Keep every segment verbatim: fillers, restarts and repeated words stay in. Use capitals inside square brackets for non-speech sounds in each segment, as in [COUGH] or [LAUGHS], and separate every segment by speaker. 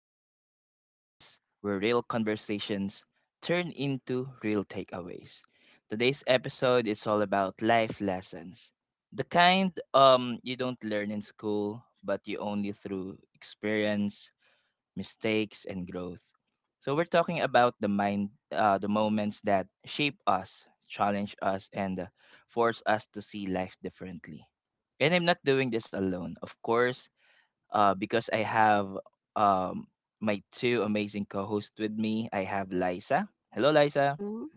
Speaker 1: back to the podcast where real conversations turn into real takeaways. Today's episode is all about life lessons. The kind um you don't learn in school, but you only through experience, mistakes and growth. So we're talking about the mind uh, the moments that shape us, challenge us and uh, force us to see life differently. And I'm not doing this alone. Of course, uh, because I have um, my two amazing co-hosts with me. I have Liza. Hello, Liza.
Speaker 2: Mhm.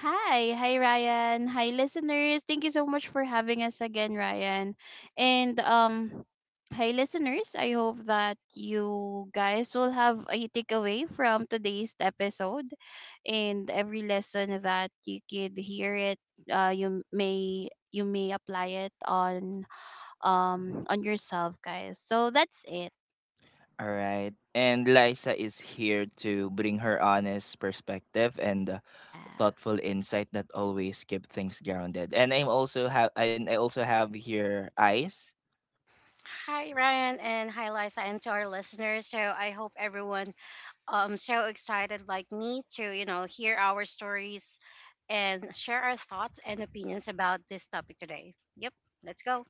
Speaker 2: Hi, hi Ryan. Hi listeners. Thank you so much for having us again, Ryan. And um hi listeners, I hope that you guys will have a takeaway from today's episode, and every lesson that you could hear it uh You may you may apply it on um on yourself, guys. So that's it.
Speaker 1: All right. And Liza is here to bring her honest perspective and uh,
Speaker 2: Yeah.
Speaker 1: thoughtful insight that always keep things grounded. And I'm also have and I also have here Ice.
Speaker 3: Hi Ryan and hi Liza and to our listeners. So I hope everyone um so excited like me to, you know, hear our stories and share our thoughts and opinions about this topic today. Yep, let's go.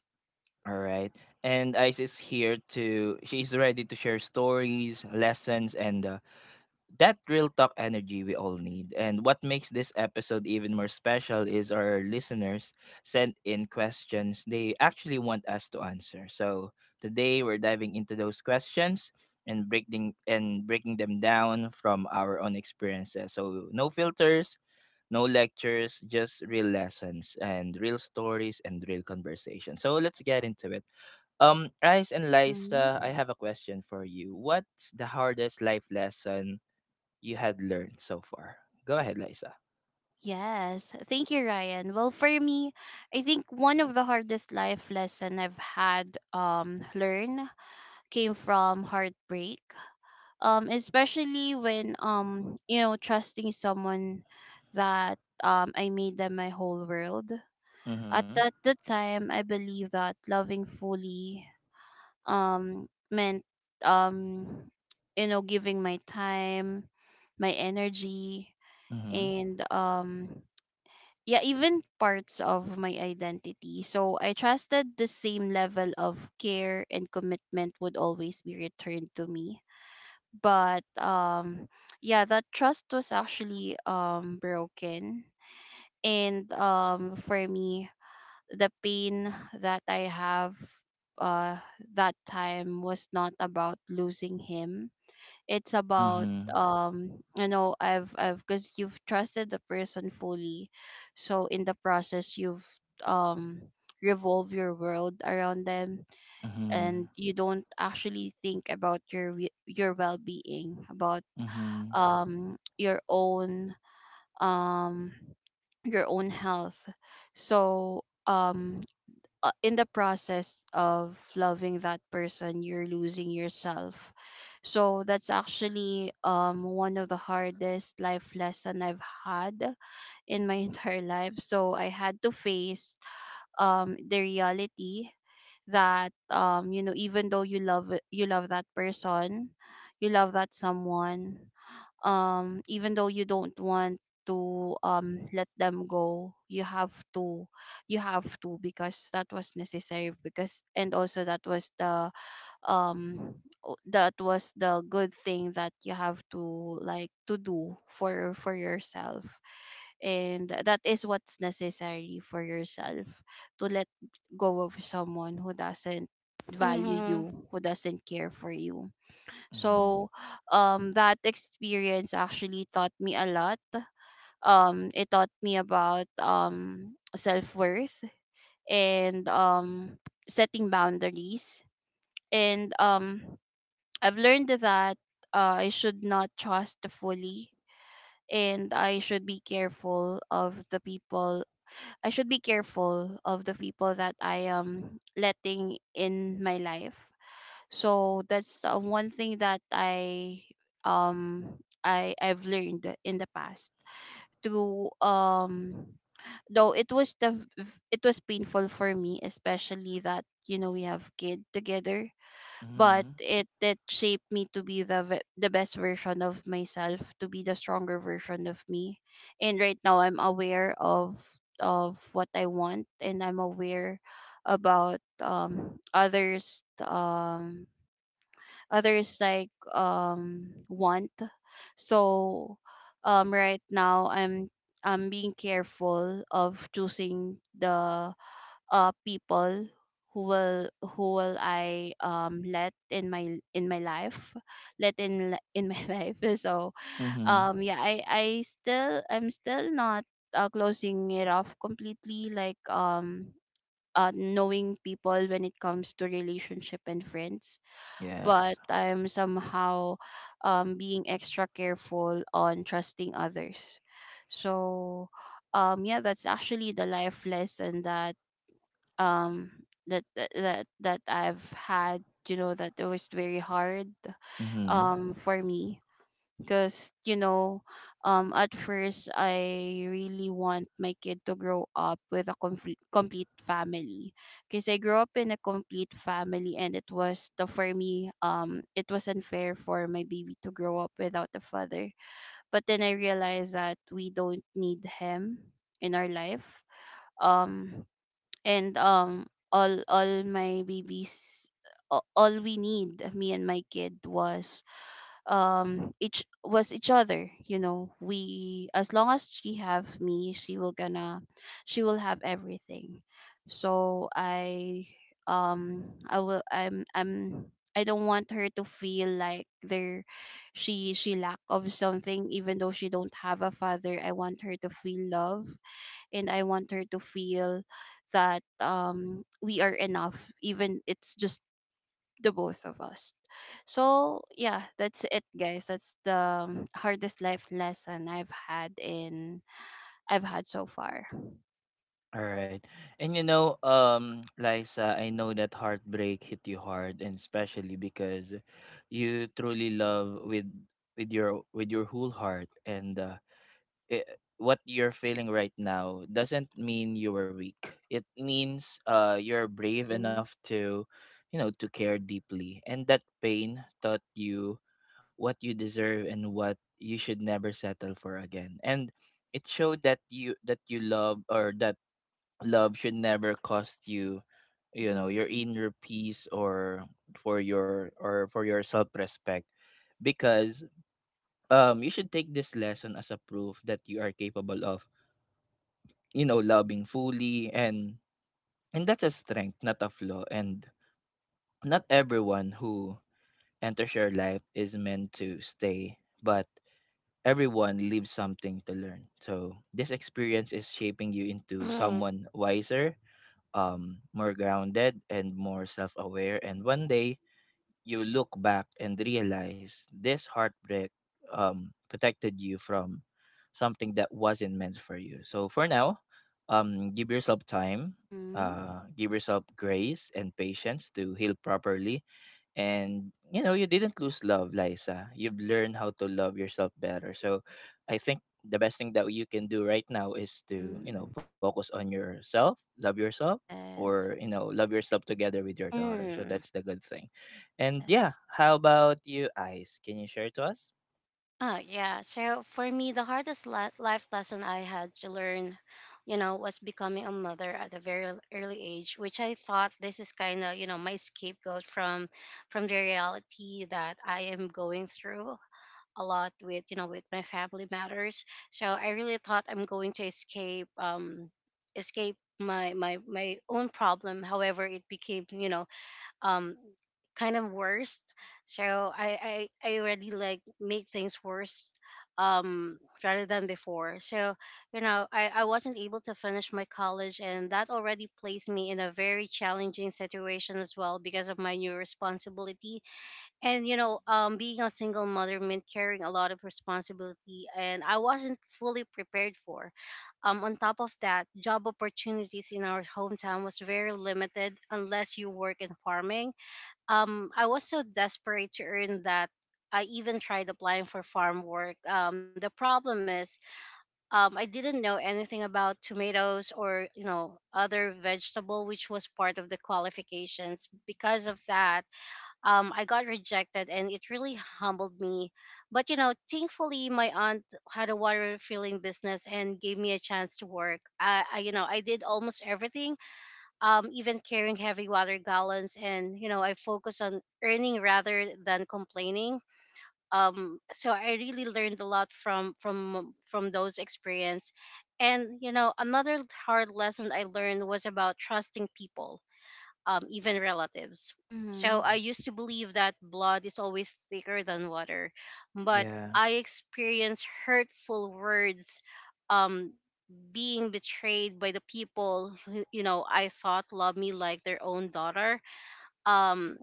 Speaker 1: All right. And Ice is here to, she's ready to share stories, lessons, and uh, that real talk energy we all need. And what makes this episode even more special is our listeners sent in questions they actually want us to answer. So today we're diving into those questions and breaking and breaking them down from our own experiences. So no filters, no lectures, just real lessons and real stories and real conversation. So let's get into it. Um, Rice and
Speaker 2: Mhm.
Speaker 1: Liza, I have a question for you. What's the hardest life lesson you had learned so far? Go ahead, Liza.
Speaker 2: Yes, thank you, Ryan. Well, for me, I think one of the hardest life lesson I've had um learn came from heartbreak. Um, especially when um you know trusting someone that um I made them my whole world. At
Speaker 1: Mm-hmm.
Speaker 2: that the time, I believe that loving fully um meant um you know giving my time, my energy,
Speaker 1: Mm-hmm.
Speaker 2: and um yeah, even parts of my identity. So I trusted the same level of care and commitment would always be returned to me. But um yeah, that trust was actually um broken. And um for me, the pain that I have uh that time was not about losing him, it's about
Speaker 1: Mm-hmm.
Speaker 2: um you know I've I've because you've trusted the person fully, so in the process you've um revolve your world around them.
Speaker 1: Mm-hmm.
Speaker 2: And you don't actually think about your we- your well-being, about
Speaker 1: Mm-hmm.
Speaker 2: um your own, um your own health. So um uh, in the process of loving that person, you're losing yourself. So that's actually um one of the hardest life lesson I've had in my [LAUGHS] entire life. So I had to face um the reality that um you know even though you love you love that person, you love that someone, um even though you don't want to um let them go, you have to. You have to because that was necessary, because and also that was the um o- that was the good thing that you have to, like, to do for for yourself. And that is what's necessary for yourself, to let go of someone who doesn't value
Speaker 3: Mhm.
Speaker 2: you, who doesn't care for you.
Speaker 1: Mm-hmm.
Speaker 2: So um that experience actually taught me a lot. Um it taught me about um self-worth, and um setting boundaries. And um I've learned that uh, I should not trust fully, and I should be careful of the people I should be careful of the people that I am letting in my life. So that's uh, one thing that I um I I've learned in the past, to um though it was the v- it was painful for me, especially that, you know, we have kid together. But
Speaker 1: Mm-hmm.
Speaker 2: it it shaped me to be the ve- the best version of myself, to be the stronger version of me. And right now I'm aware of of what I want, and I'm aware about um others um others, like, um want. So, um right now, i'm i'm being careful of choosing the uh people who will who will I um let in my in my life, let in [LAUGHS] li- in my [LAUGHS] life. So
Speaker 1: Mm-hmm.
Speaker 2: um yeah, i i still i'm still not uh, closing it off completely, like um uh, knowing people when it comes to relationship and friends.
Speaker 1: Yes.
Speaker 2: But I'm somehow um, being extra careful on trusting others. So, um, yeah, that's actually the life lesson that um that that that that I've had. You know that it was very hard
Speaker 1: Mm-hmm.
Speaker 2: um for me, because, you know, um at first, I really want my kid to grow up with a comf- complete family, because I grew up in a complete family, and it was tough for me. Um it was unfair for my baby to grow up without a father. But then I realized that we don't need him in our life. um and um all, all my babies a- all we need, me and my kid, was um each was each other. You know, we, as long as she have me, she will gonna she will have everything. So I um I will I'm I'm I don't want her to feel like there, she she lack of something. Even though she don't have a father, I want her to feel love, and I want her to feel that um we are enough, even it's just the both of us. So yeah, that's it, guys. That's the um, hardest life lesson I've had in I've had so far.
Speaker 1: All right. And you know, um, Liza, I know that heartbreak hit you hard, and especially because you truly love with with your with your whole heart and uh, I what you're feeling right now doesn't mean you were weak. It means uh you're brave enough
Speaker 2: Mm-hmm.
Speaker 1: to, you know, to care deeply. And that pain taught you what you deserve and what you should never settle for again. And it showed that you that you love or that love should never cost you, you know, your
Speaker 2: Mm-hmm.
Speaker 1: inner peace or for your or for your self-respect because um you should take this lesson as a proof that you are capable of, you know, loving fully and and that's a strength, not a flaw. And not everyone who enters your life is meant to stay, but everyone leaves something to learn. So this experience is shaping you into
Speaker 3: Mm.
Speaker 1: someone wiser, um, more grounded and more self aware. And one day you look back and realize this heartbreak um, protected you from something that wasn't meant for you. So for now, um, give yourself time,
Speaker 2: Mm-hmm.
Speaker 1: uh, give yourself grace and patience to heal properly. And you know you didn't lose love, Liza, you've learned how to love yourself better. So I think the best thing that you can do right now is to, you know,
Speaker 2: Mm-hmm.
Speaker 1: focus on yourself, love yourself, or,
Speaker 2: Yes.
Speaker 1: you know, love yourself together with your daughter. So
Speaker 3: Mm.
Speaker 1: that's the good thing. And yeah,
Speaker 2: Yes.
Speaker 1: how about you, Ice? Can you share to us?
Speaker 3: Oh yeah. So for me the hardest li- life lesson I had to learn, you know, was becoming a mother at a very early age, which I thought this is kind of, you know, my scapegoat from from the reality that I am going through a lot with you know with my family matters. So I really thought I'm going to escape um escape my my my own problem. However, it became, you know um kind of worse. So i i, I already like make things worse um rather than before. So you know I, I wasn't able to finish my college, and that already placed me in a very challenging situation as well because of my new responsibility. And you know um being a single mother meant carrying a lot of responsibility, and I wasn't fully prepared for. Um on top of that, job opportunities in our hometown was very limited unless you work in farming. um I was so desperate to earn that I even tried applying for farm work. Um, the problem is, um, I didn't know anything about tomatoes or, you know other vegetable, which was part of the qualifications. Because of that, um, I got rejected and it really humbled me. But you know, thankfully, my aunt had a water refilling business and gave me a chance to work. I, I you know, I did almost everything, um, even carrying heavy water gallons. And, you know, I focused on earning rather than complaining. Um, so I really learned a lot from from from those experience. And, you know, another hard lesson I learned was about trusting people, um, even relatives. So
Speaker 2: Mm-hmm.
Speaker 3: I used to believe that blood is always thicker than water, but
Speaker 1: Yeah.
Speaker 3: I experienced hurtful words, um, being betrayed by the people who, you know I thought loved me like their own daughter. Um,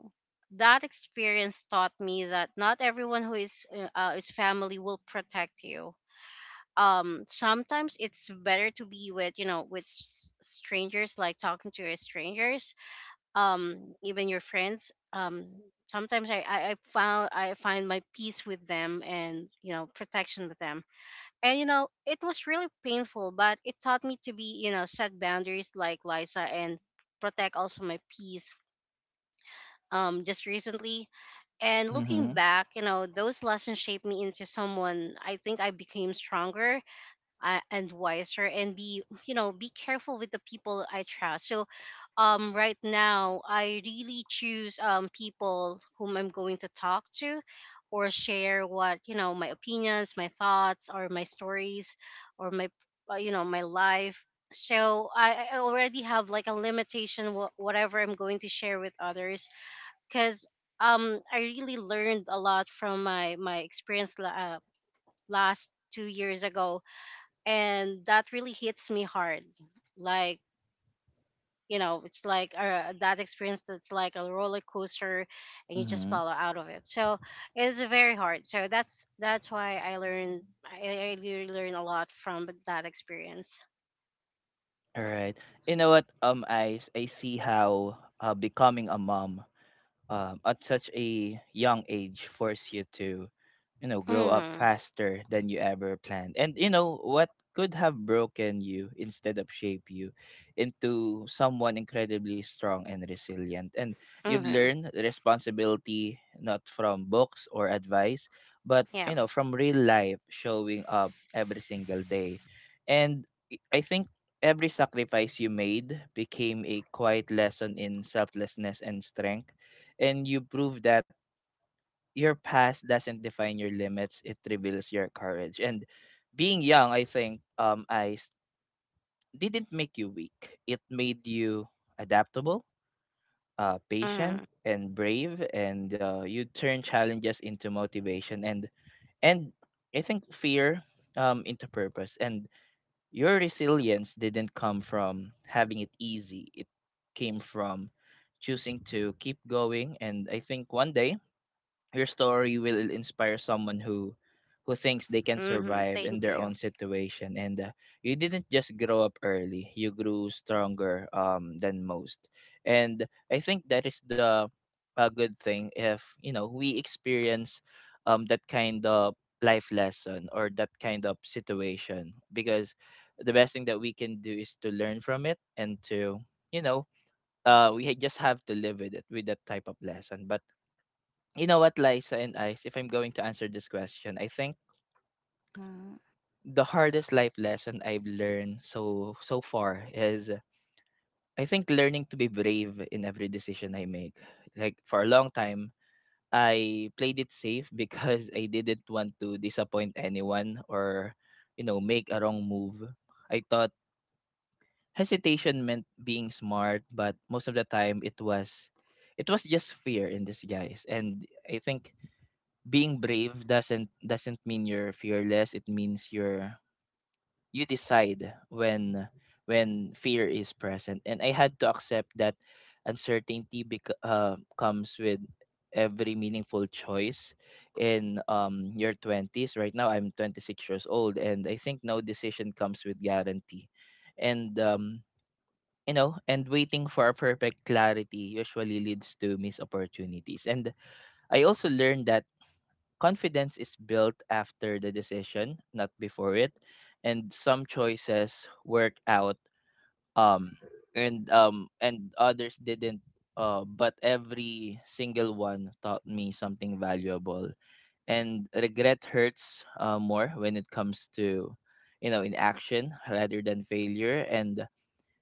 Speaker 3: that experience taught me that not everyone who is uh, uh, is family will protect you. Um, sometimes it's better to be with you know with s- strangers, like talking to your strangers, um even your friends. Um sometimes I, I i found i find my peace with them, and, you know protection with them. And, you know it was really painful, but it taught me to, be you know set boundaries like Liza, and protect also my peace, um just recently. And looking
Speaker 1: Mm-hmm.
Speaker 3: back, you know those lessons shaped me into someone, I think, I became stronger uh, and wiser, and be you know be careful with the people I trust. So um right now, I really choose, um people whom I'm going to talk to, or share what, you know my opinions, my thoughts, or my stories, or my, uh, you know my life. So i, I already have like a limitation, wh- whatever I'm going to share with others, because, um I really learned a lot from my my experience, la- uh, last two years ago, and that really hits me hard. Like, you know it's like, uh, that experience, that's like a roller coaster and you just
Speaker 1: Mm-hmm.
Speaker 3: follow out of it. So it's very hard. So that's that's why i learned i, I really learned a lot from that experience.
Speaker 1: All right. You know what, um Ice, I see how uh, becoming a mom um, at such a young age force you to, you know, grow up
Speaker 3: Hmm.
Speaker 1: faster than you ever planned. And you know what could have broken you instead of shape you into someone incredibly strong and resilient. And you've
Speaker 3: Hmm.
Speaker 1: learned responsibility not from books or advice, but
Speaker 3: Yeah.
Speaker 1: you know, from real life showing up every single day. And i I think every sacrifice you made became a quiet lesson in selflessness and strength. And you prove that your past doesn't define your limits, it reveals your courage. And being young, I think, um i s- didn't make you weak, it made you adaptable, uh patient
Speaker 3: Hmm.
Speaker 1: and brave. And uh, you turn challenges into motivation and and I think fear um into purpose. And your resilience didn't come from having it easy, it came from choosing to keep going. And I think one day your story will inspire someone who who thinks they can
Speaker 3: Hmm.
Speaker 1: survive in
Speaker 3: Thank
Speaker 1: their
Speaker 3: you.
Speaker 1: own situation. And uh, you didn't just grow up early, you grew stronger um than most. And I think that is the a good thing, if, you know, we experience um that kind of life lesson or that kind of situation, because the best thing that we can do is to learn from it and to, you know, uh we ha- just have to live with it, with that type of lesson. But you know what, Liza and Ice, if I'm going to answer this question, I think
Speaker 2: Mm-hmm.
Speaker 1: the hardest life lesson I've learned so so far is, uh, I think, learning to be brave in every decision I make. Like for a long time, I played it safe [LAUGHS] because I didn't want to disappoint anyone or, you know, make a wrong move. I thought hesitation meant being smart, but most of the time it was it was just fear in disguise. And I think being brave doesn't doesn't mean you're fearless, it means you're you decide when when fear is present. And I had to accept that uncertainty bec- uh, comes with every meaningful choice in um your twenties. Right now I'm twenty-six years old, and I think no decision comes with guarantee. And um you know, and waiting for a perfect clarity usually leads to missed opportunities. And I also learned that confidence is built after the decision, not before it. And some choices work out um and um and others didn't, uh but every single one taught me something valuable. And regret hurts uh, more when it comes to, you know, inaction rather than failure. And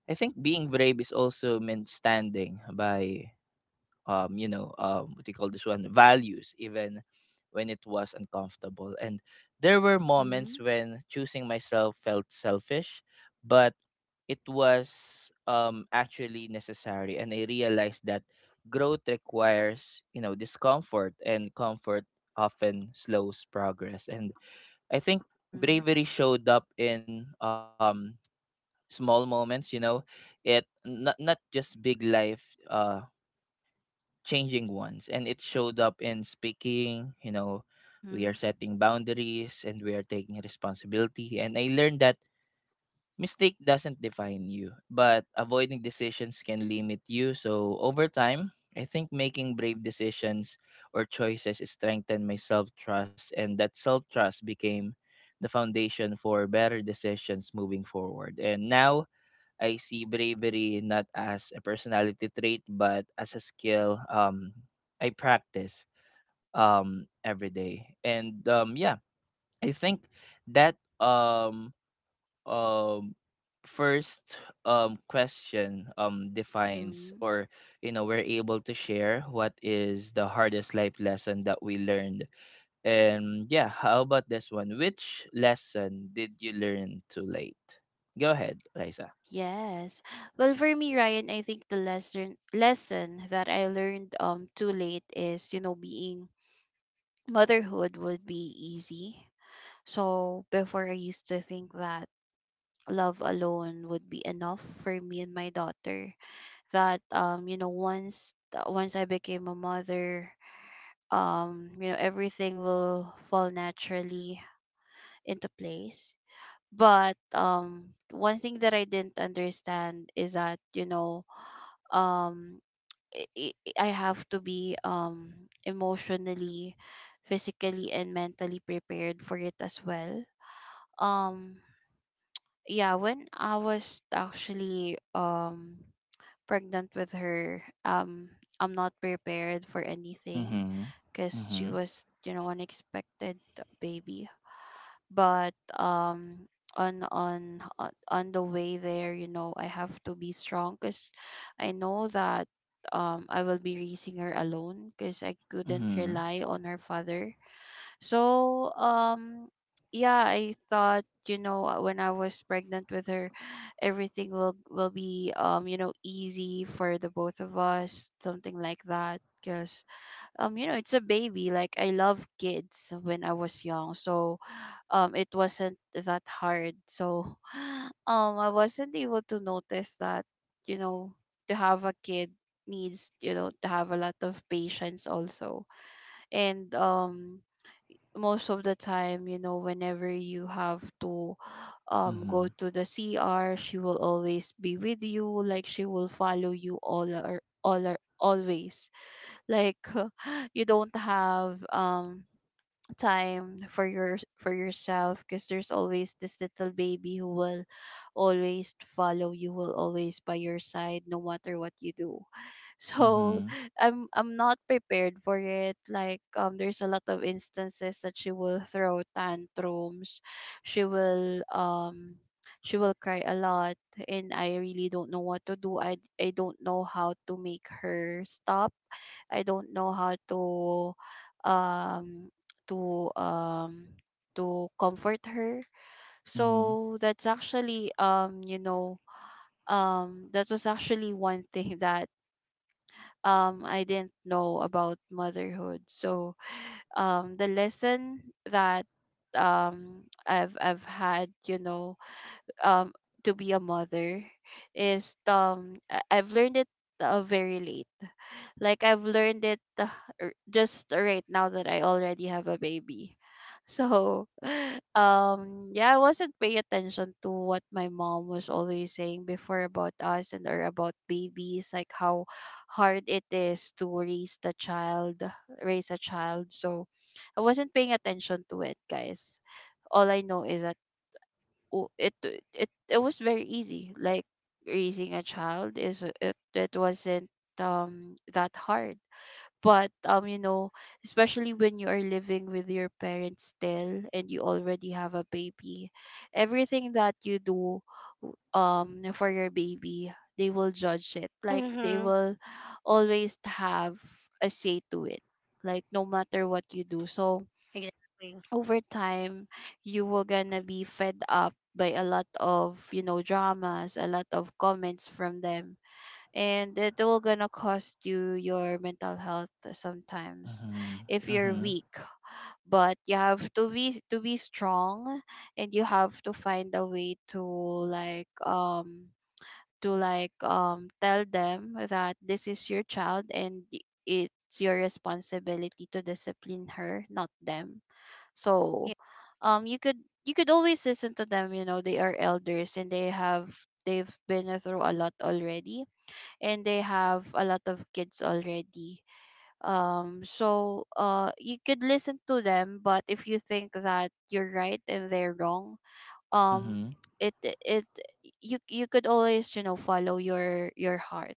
Speaker 1: I think being brave is also meant standing by, um you know, um what do you call this one, values, even when it was uncomfortable. And there were moments
Speaker 2: Mm-hmm.
Speaker 1: when choosing myself felt selfish, but it was um actually necessary. And I realized that growth requires, you know, discomfort, and comfort often slows progress. And I think
Speaker 2: Mm-hmm.
Speaker 1: bravery showed up in um small moments, you know, it not, not just big life uh changing ones. And it showed up in speaking, you know, we are
Speaker 2: Mm-hmm.
Speaker 1: setting boundaries and we are taking responsibility. And I learned that mistake doesn't define you, but avoiding decisions can limit you. So over time, I think making brave decisions or choices strengthened my self-trust, and that self-trust became the foundation for better decisions moving forward. And now I see bravery not as a personality trait, but as a skill um, I practice um, every day. And um, yeah, I think that um, um, first um, question um, defines
Speaker 2: Mm-hmm.
Speaker 1: or, you know, we're able to share what is the hardest life lesson that we learned. And yeah, how about this one? Which lesson did you learn too late? Go ahead, Liza.
Speaker 2: Yes. Well, for me, Ryan, I think the lesson lesson that I learned um too late is, you know, being motherhood would be easy. So before, I used to think that love alone would be enough for me and my daughter. That um, you know, once uh, once I became a mother, um, you know, everything will fall naturally into place. But um, one thing that I didn't understand is that you know, um, I, I I have to be um emotionally, physically, and mentally prepared for it as well. Um, yeah, when I was actually um pregnant with her, um I'm not prepared for anything,
Speaker 1: Mm-hmm.
Speaker 2: because she
Speaker 1: Mm-hmm.
Speaker 2: was, you know, unexpected baby. But um on on on on the way there, you know, I have to be strong, because I know that um I will be raising her alone, because I couldn't
Speaker 1: Mm-hmm.
Speaker 2: rely on her father. So, um, yeah, I thought, you know, uh, when I was pregnant with her, everything will will be um, you know, easy for the both of us, something like that. Because um, you know, it's a baby. Like I love kids when I was young, so um, it wasn't that hard. So, [LAUGHS] [SIGHS] um, I wasn't able to notice that, you know, to have a kid needs, you know, to have a lot of patience also, and um most of the time, you know, whenever you have to um go
Speaker 1: Mm-hmm.
Speaker 2: to the C R, she will always be with you. Like she will follow you all or all or always. Like [LAUGHS] you don't have um time for your for yourself, because there's always this little baby who will always follow you, will always by your side, no matter what you do [LAUGHS] so
Speaker 1: Mm-hmm.
Speaker 2: i'm i'm not prepared for it. Like um there's a lot of instances that she will throw tantrums, she will um she will cry a lot, and I really don't know what to do. I i don't know how to make her stop. I don't know how to um to um to comfort her.
Speaker 1: Mm-hmm.
Speaker 2: So that's actually um you know um that was actually one thing that um I didn't know about motherhood. So um the lesson that um I've I've had, you know, um to be a mother, is um I- I've learned it uh, very late. Like I've learned it uh, r- just right now, that I already have a baby. So, [LAUGHS] um, yeah, I wasn't paying attention to what my mom was always saying before about us, and or about babies, like how hard it is to raise the child, raise a child. So, I wasn't paying attention to it, guys. All I know is that oh, it it it was very easy. Like raising a child is it it wasn't um that hard. But um you know especially when you are living with your parents still and you already have a baby, everything that you do w- um for your baby, they will judge it. Like they
Speaker 3: Hmm.
Speaker 2: will always have a say to it, like, no matter what you do. So
Speaker 3: Exactly.
Speaker 2: over time, you will gonna be fed up by a lot of, you know, dramas, a lot of comments from them, and it will gonna cost you your mental health sometimes,
Speaker 1: Mm-hmm.
Speaker 2: if you're
Speaker 1: Mm-hmm.
Speaker 2: weak. But you have to be to be strong, and you have to find a way to, like um to like um tell them that this is your child, and y- it's your responsibility to discipline her, not them. So
Speaker 3: Yeah.
Speaker 2: um you could you could always listen to them. You know, they are elders, and they have they've been through a lot already, and they have a lot of kids already. Um so uh you could listen to them, but if you think that you're right and they're wrong, um
Speaker 1: Mm-hmm.
Speaker 2: it it you you could always, you know, follow your your heart.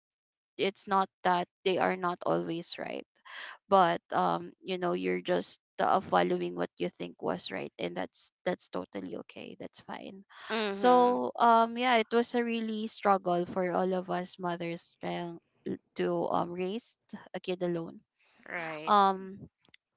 Speaker 2: It's not that they are not always right, but um you know you're just, uh, following what you think was right, and that's that's totally okay, that's fine.
Speaker 3: Hmm.
Speaker 2: So um yeah, it was a really struggle for all of us mothers, trying to um raise a kid alone.
Speaker 3: Right.
Speaker 2: um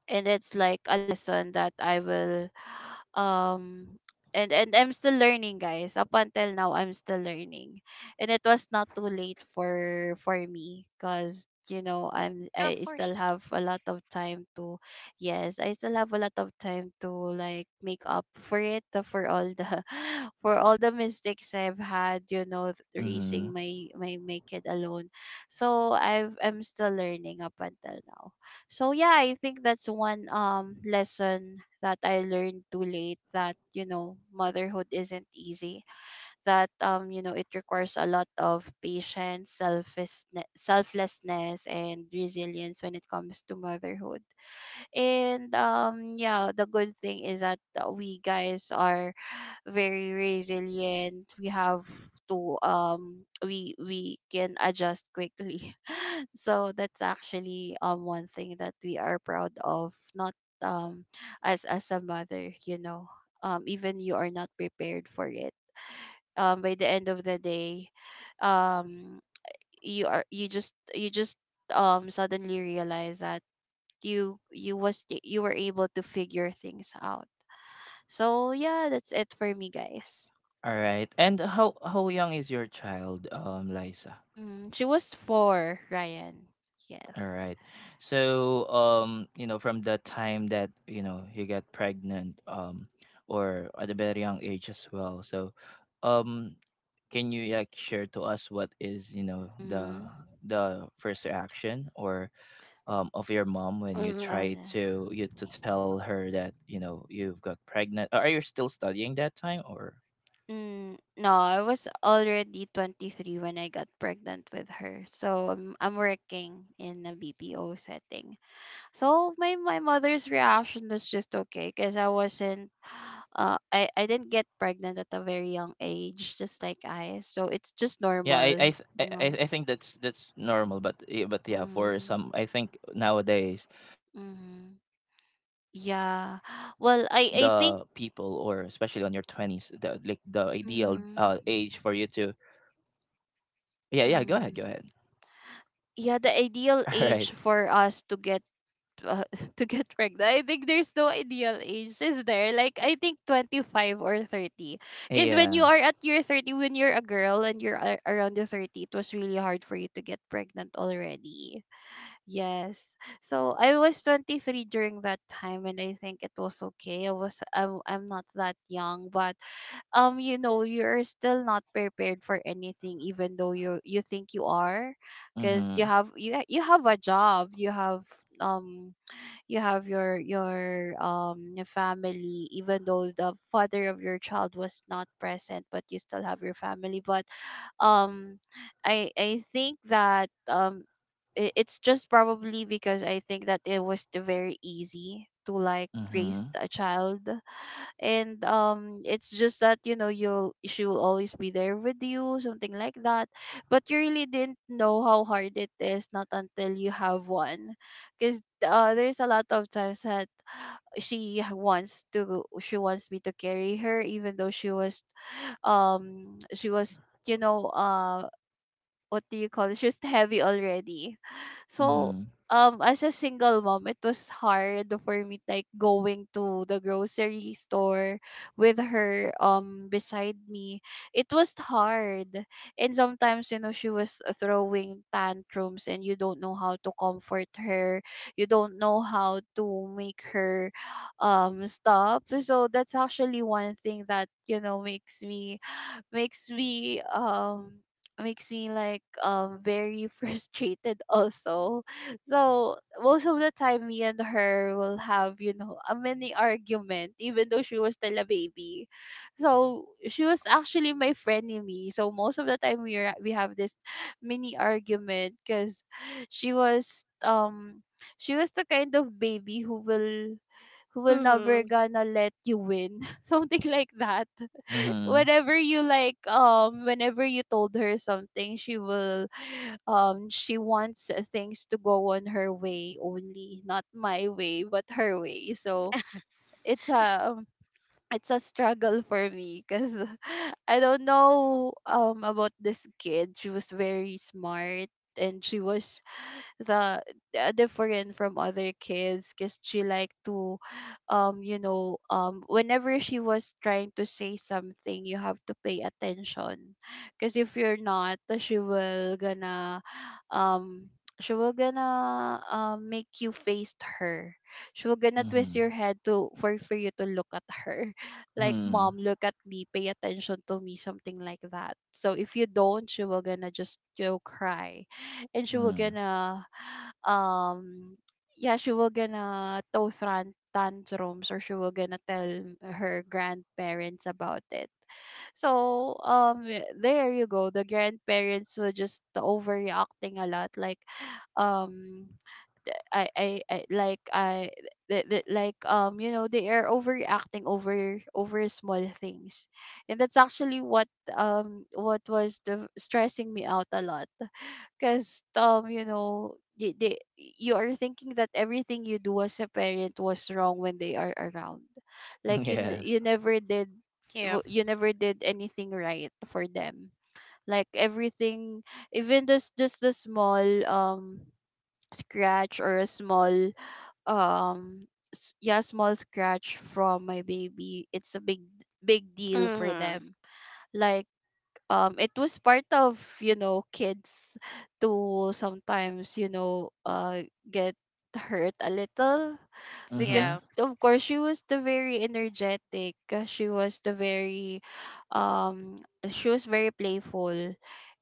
Speaker 2: and it's like a lesson that I will [SIGHS] um and and I'm still learning, guys. Up until now, I'm still learning, and it was not too late for for me, cuz you know, I'm
Speaker 3: Of
Speaker 2: I still
Speaker 3: course.
Speaker 2: have a lot of time to. Yes, I still have a lot of time to, like, make up for it, uh, for all the [LAUGHS] for all the mistakes I've had, you know th-
Speaker 1: Mm-hmm.
Speaker 2: raising my my my Kid alone. so I've I'm still learning up until now. So yeah, I think that's one um lesson that I learned too late that, you know, motherhood isn't easy. That um, you know, it requires a lot of patience, selflessness, selflessness, and resilience when it comes to motherhood. And um Yeah, the good thing is that uh, we guys are very resilient. We have to um we we can adjust quickly. So that's actually um one thing that we are proud of, not um as as a mother, you know. Um even you are not prepared for it. Um by the end of the day, um you are you just you just um suddenly realize that you you was the- you were able to figure things out. So yeah, that's it for me guys.
Speaker 1: All right. And how how young is your child, um, Liza?
Speaker 2: Mm, she was four, Ryan.
Speaker 1: All
Speaker 2: Yes.
Speaker 1: right. So, um, you know, from the time that, you know, you got pregnant, um, or at a very young age as well. So, um, can you like share to us what is, you know, the
Speaker 2: Mm-hmm.
Speaker 1: the first reaction or um of your mom when you
Speaker 3: Hmm.
Speaker 2: Uh,
Speaker 1: try to you to tell her that, you know, you've got pregnant? Are you still studying that time? Or
Speaker 2: Mm, no, I was already twenty-three when I got pregnant with her. So I'm, I'm working in a B P O setting. So my, my mother's reaction was just okay because I wasn't, [SIGHS] uh, I, I didn't get pregnant at a very young age, just like I. So it's just
Speaker 1: yeah, I I
Speaker 2: normal,
Speaker 1: th- I, I
Speaker 2: you
Speaker 1: I
Speaker 2: know.
Speaker 1: think that's that's normal. But yeah, but yeah, for
Speaker 2: Mm,
Speaker 1: some, I think nowadays,
Speaker 2: mm,
Speaker 1: or especially on
Speaker 2: yeah.
Speaker 1: your
Speaker 2: [SIGHS] Well,
Speaker 1: twenties, the,
Speaker 2: I, I
Speaker 1: like
Speaker 2: think.
Speaker 1: the ideal uh age for you to,
Speaker 2: Mm,
Speaker 1: yeah, yeah, go ahead, go ahead.
Speaker 2: mm, yeah, the
Speaker 1: [LAUGHS] All
Speaker 2: ideal
Speaker 1: right.
Speaker 2: age for us to get uh, [LAUGHS] to get pregnant. I think there's no ideal age, is there? Like I think twenty-five or thirty. Because when you
Speaker 1: Yeah.
Speaker 2: are at your thirty, when you're a girl and you're a- around the thirty, it was really hard for you to get pregnant already. Yes. So I was twenty-three during that time and I think it was okay. I was I'm, I'm not that young, but um you know, you're still not prepared for anything even though you you think you are because you
Speaker 1: Mm-hmm.
Speaker 2: have you you have a job, you have um you have your your um your family even though the father of your child was not present, but you still have your family. But um i i think that um i- it's just probably because I think that it was the very easy to like raise
Speaker 1: Mm-hmm.
Speaker 2: a child. And um it's just that, you know, you'll she will always be there with you, something like that. But you really didn't know how hard it is not until you have one, because uh, there's a lot of times that she wants to she wants me to carry her, even though she was um she was you know, uh, what do you call it? She's heavy already. So
Speaker 1: Mm-hmm.
Speaker 2: um as a single mom, it was hard for me, like going to the grocery store with her um beside me. It was hard. And sometimes, you know, she was throwing tantrums and you don't know how to comfort her. You don't know how to make her um stop. So that's actually one thing that, you know, makes me makes me um makes me like um very [LAUGHS] frustrated also. So most of the time, me and her will have, you know, a mini argument even though she was still a baby. So she was actually my frenemy. So most of the time we are we have this [SIGHS] mini argument because she was um she was the kind of baby who will who will never
Speaker 3: Hmm.
Speaker 2: gonna let you win, [LAUGHS] something like that.
Speaker 1: Mm-hmm.
Speaker 2: Whenever you like um whenever you told her something, she will [SIGHS] um she wants uh, things to go on her way only, not my way, but her way. So it's a it's a struggle for me because [LAUGHS] I don't know um about this kid, she was very smart. And she was the uh, different from other kids because she like to um you know um whenever she was trying to say something, you have to pay attention, because if you're not, she will gonna um she will gonna um make you face her. She will gonna twist
Speaker 1: Mm-hmm.
Speaker 2: your head to for for you to look at her, [LAUGHS] like, "Mom,
Speaker 1: Hmm.
Speaker 2: look at me, pay attention to me," something like that. So if you don't, she will gonna just, you know, cry. And she will
Speaker 1: Hmm.
Speaker 2: gonna um yeah, she will gonna throw tran- tantrums, or she will gonna tell her grandparents about it. So um y- there you go, the grandparents were just overreacting a lot, like um th- I, I, I like I th- th- like um you know, they are overreacting over over small things. And that's actually what um what was the stressing me out a lot, because um you know, they, they you are thinking that everything you do as a parent was wrong when they are around.
Speaker 1: [LAUGHS]
Speaker 2: Like you n-
Speaker 1: Yes.
Speaker 2: you never did
Speaker 3: Yep.
Speaker 2: w- you never did anything right for them. Like everything, even this just the small um scratch or a small um s- yeah, small scratch from my baby, it's a big big deal for
Speaker 3: Hmm.
Speaker 2: them. Like um it was part of, you know, kids to sometimes, you know, uh get hurt a little, because
Speaker 1: Mm-hmm.
Speaker 3: Yeah.
Speaker 2: of course she was the very energetic. uh, she was the very um she was very playful.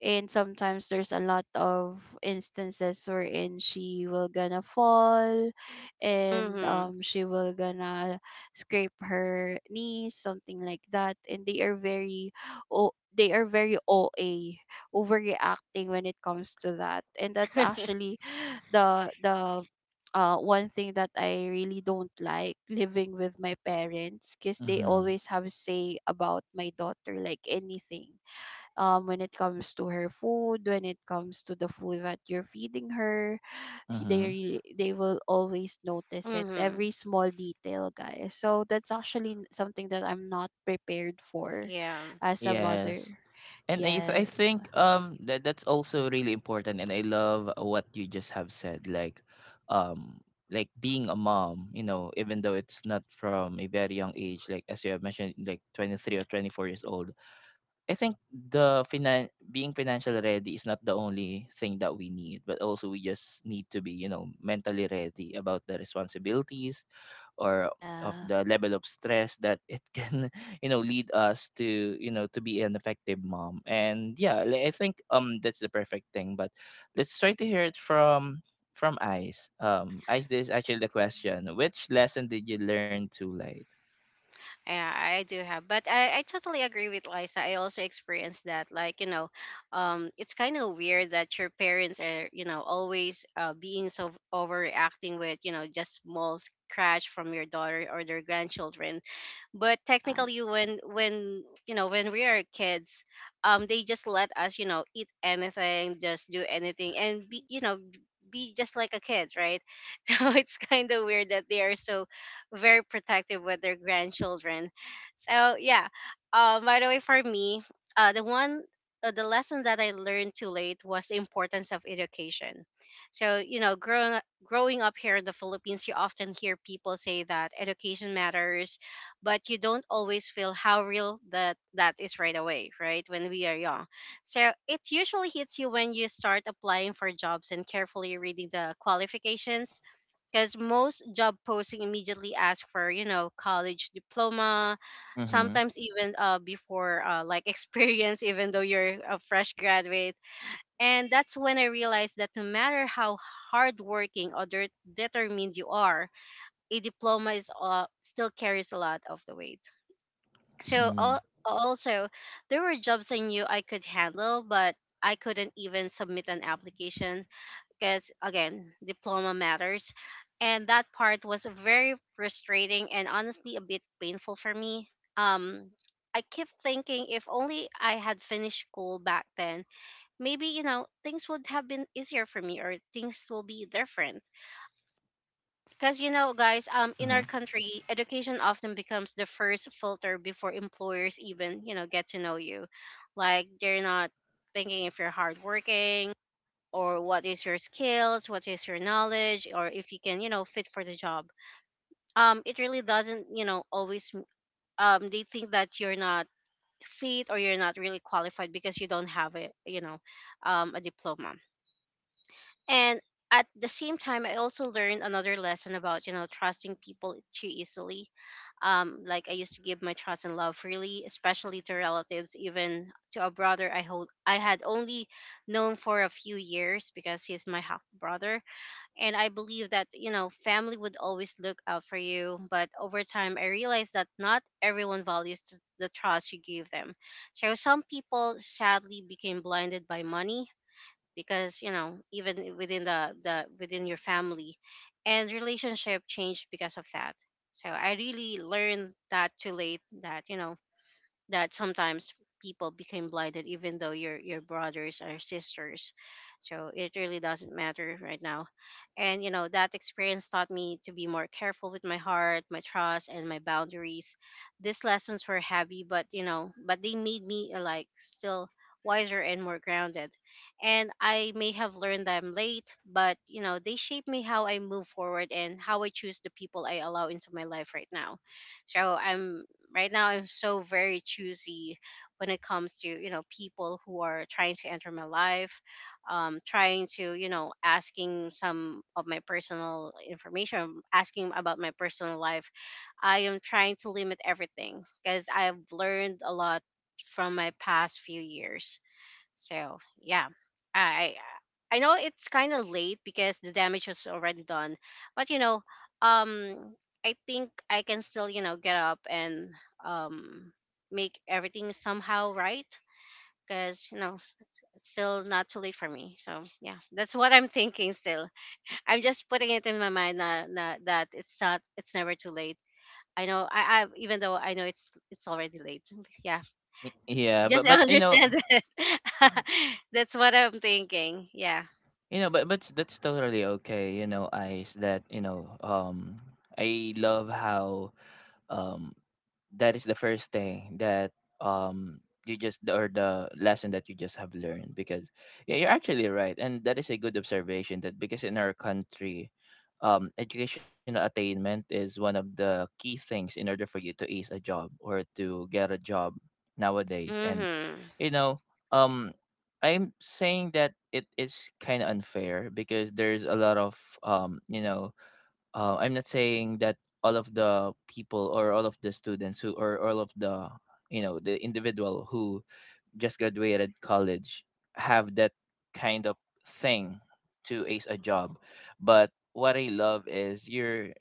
Speaker 2: And sometimes there's a lot of instances wherein she will gonna fall. And
Speaker 3: Hmm.
Speaker 2: um she will gonna scrape her knees, something like that. And they are very, oh, they are very O A, overreacting when it comes to that. And that's actually [SIGHS] the the uh, one thing that I really don't like living with my parents, because they always
Speaker 1: Mm-hmm.
Speaker 2: have say about my daughter, like anything, um, when it comes to her food, when it comes to the food that you're feeding her. he- they
Speaker 1: Mm-hmm.
Speaker 2: really, they will always notice it,
Speaker 3: Hmm.
Speaker 2: every small detail, guys. So that's actually n- something that I'm not prepared for
Speaker 3: Yeah,
Speaker 2: as a mother.
Speaker 1: Yes. And I th- I
Speaker 2: Yes.
Speaker 1: think um that that's also really important, and I love what you just have said, like, um like being a mom, you know, even though it's not from a very young age, like as you have mentioned, like twenty-three or twenty-four years old. I think the finan- being financially ready is not the only thing that we need, but also we just need to be, you know, mentally ready about the responsibilities or of
Speaker 2: Yeah.
Speaker 1: the level of stress that it can [LAUGHS] you know lead us to, you know, to be an effective mom. And yeah, li- I think um that's the perfect thing. But let's try to hear it from from Ice. Um ice, this is actually the question, which lesson did you learn too late?
Speaker 3: yeah, I do have, but I, I totally agree with Liza. I also experienced that. Like, you know, um, it's kind of weird that your parents are, you know, always uh, being so overreacting with, you know, just small crash from your daughter or their grandchildren. But
Speaker 2: Yeah.
Speaker 3: technically, when when you know when we are kids, um, they just let us, you know, eat anything, just do anything, and be, you know, be just like a kid, right? [LAUGHS] So it's kind of weird that they are so very protective with their grandchildren. So yeah, uh, by the way, for me, uh, the one uh, the lesson that I learned too late was the importance of education. So, you know, growing up- growing up here in the Philippines, you often hear people say that education matters, but you don't always feel how real that that is right away, right? When we are young, so it usually hits you when you start applying for jobs and carefully reading the qualifications, because most job posting immediately ask for, you know college diploma,
Speaker 1: Mm-hmm.
Speaker 3: sometimes even, uh, before, uh, like [LAUGHS] experience, even though you're a fresh graduate. And that's when I realized that no matter how hardworking or det- determined you are, a diploma is uh, still carries a lot of the weight. So
Speaker 1: Mm.
Speaker 3: al- also, there were jobs I knew I could handle, but I couldn't even submit an application, because, again, diploma matters. And that part was very frustrating and honestly a bit painful for me. Um i kept thinking, if only I had finished school back then, maybe, you know things would have been easier for me, or things will be different.
Speaker 1: Mm-hmm.
Speaker 3: Because, you know guys, um in our country, education often becomes the first filter before employers even, you know get to know you. Like, they're not thinking if you're hardworking, or what is your skills, what is your knowledge, or if you can, you know, fit for the job. Um, it really doesn't, you know, always. M- Um, they think that you're not fit, or you're not really qualified because you don't have a, you know, um, a diploma. And at the same time, I also learned another lesson about, you know, trusting people too easily. Um, like I used to give my trust and love freely, especially to relatives, even to a brother I hold I had only known for a few years because he's my half brother. And I believe that, you know family would always look out for you. But over time, I realized that not everyone values th- the trust you give them. So some people sadly became blinded by money, because, you know even within the, the within your family, and relationship changed because of that. So I really learned that too late, that, you know that sometimes people became blinded even though your your brothers or sisters. So it really doesn't matter right now, and, you know that experience taught me to be more careful with my heart, my trust, and my boundaries. These lessons were heavy, but you know but they made me, uh, like, still wiser and more grounded. And I may have learned them late, but, you know they shape me how I move forward and how I choose the people I allow into my life right now. So I'm right now I'm so very choosy when it comes to, you know people who are trying to enter my life, um, trying to, you know asking some of my personal information, asking about my personal life. I am trying to limit everything because I've learned a lot from my past few years. So yeah, I I know it's kind of late because the damage was already done, but, you know, um, I think I can still, you know get up, and, um make everything somehow right, because, you know it's still not too late for me. So yeah, that's what I'm [LAUGHS] thinking. Still, I'm just putting it in my mind that, that, that it's not it's never too late. I know I, I even though I know it's it's already late. [LAUGHS] Yeah.
Speaker 1: Y- Yeah, but
Speaker 3: Just
Speaker 1: but you know,
Speaker 3: understand that. [LAUGHS] That's what I'm thinking. Yeah.
Speaker 1: you know, but but that's totally okay. You know, eyes that you know. Um, I love how um that is the first thing that um you just or the lesson that you just have learned because yeah, you're actually right, and that is a good observation that because in our country um educational attainment is one of the key things in order for you to ace a job or to get a job nowadays.
Speaker 3: Mm-hmm.
Speaker 1: You know um I'm saying that it is kind of unfair because there's a lot of um you know uh, I'm not saying that all of the people or all of the students who or all of the you know the individual who just graduated college have that kind of thing to ace a job. But what I love is you're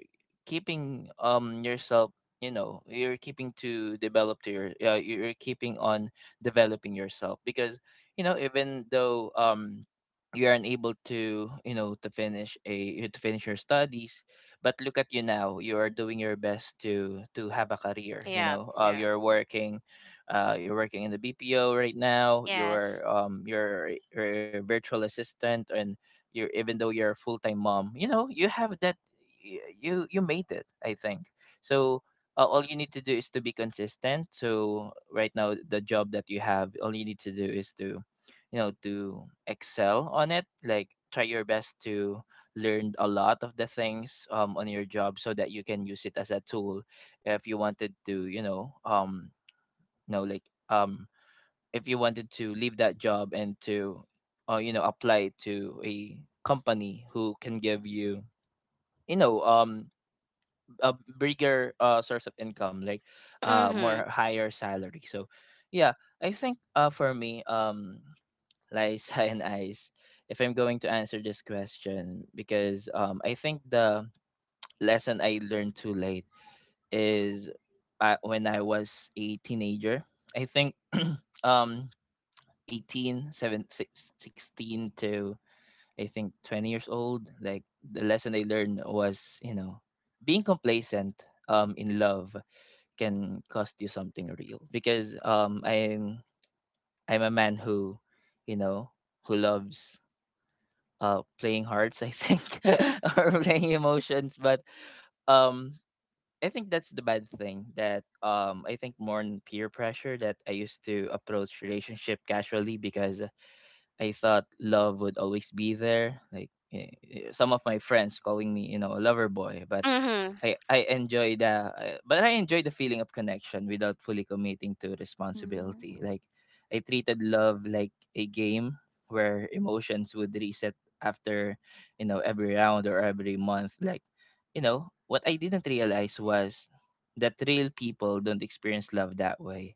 Speaker 1: keeping um yourself. You know, you're keeping to develop to your uh, you're keeping on developing yourself because you know, even though um you aren't able to, you know, to finish a to finish your studies, but look at you now, you are doing your best to to have a career. You
Speaker 3: Yeah.
Speaker 1: know, uh,
Speaker 3: Yeah.
Speaker 1: you're working, uh, you're working in the BPO right now.
Speaker 3: Yes.
Speaker 1: You're um you're, you're a virtual assistant, and you're, even though you're a full-time mom, you know, you have that. Y- you you made it, I think. So uh, all you need to do is to be consistent. So right now, the job that you have, all you need to do is to, you know, to excel on it. Like, try your best to learn a lot of the things um, on your job so that you can use it as a tool if you wanted to, you know um you know like um if you wanted to leave that job and to uh, you know, apply to a company who can give you, you know um a bigger uh, source of income, like uh, more
Speaker 3: Mm-hmm.
Speaker 1: higher salary. So, yeah, I think, uh, for me, um, Liza [LAUGHS] and Ice, if I'm going to answer this question, because um, I think the lesson I learned too late is uh, when I was a teenager. I think, um, eighteen seven six sixteen to, I think, twenty years old, like the lesson I learned was, you know, being complacent um in love can cost you something real, because um I'm I'm a man who, you know, who loves uh playing hearts, I think, [LAUGHS] or playing emotions. But um I think that's the bad thing, that um I think more in peer pressure that I used to approach relationship casually because I thought love would always be there. Like, eh, eh, some of my friends calling me, you know, a lover boy. But
Speaker 3: Mm-hmm.
Speaker 1: I I enjoy the I- but I enjoy the feeling of connection without fully committing to
Speaker 2: Mhm.
Speaker 1: responsibility. Like, I treated love like a game where emotions would reset after, you know, every round or every month. Like, you know, what I didn't realize was that real people don't experience love that way,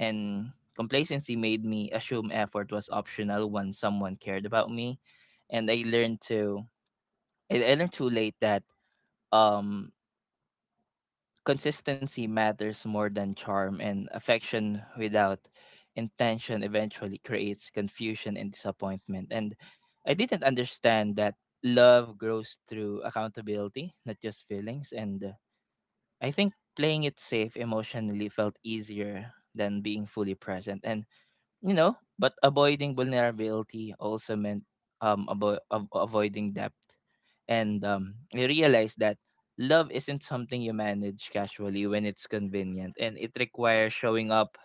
Speaker 1: and complacency made me assume effort was optional when someone cared about me. And i learned to i, I learned too late that um consistency matters more than charm, and affection without intention eventually creates confusion and disappointment. And I didn't understand that love grows through accountability, not just feelings. And uh, I think playing it safe emotionally felt easier than being fully present. And you know, but avoiding vulnerability also meant um avo- av- avoiding depth. And um, I realized that love isn't something you manage casually when it's convenient, and it requires showing up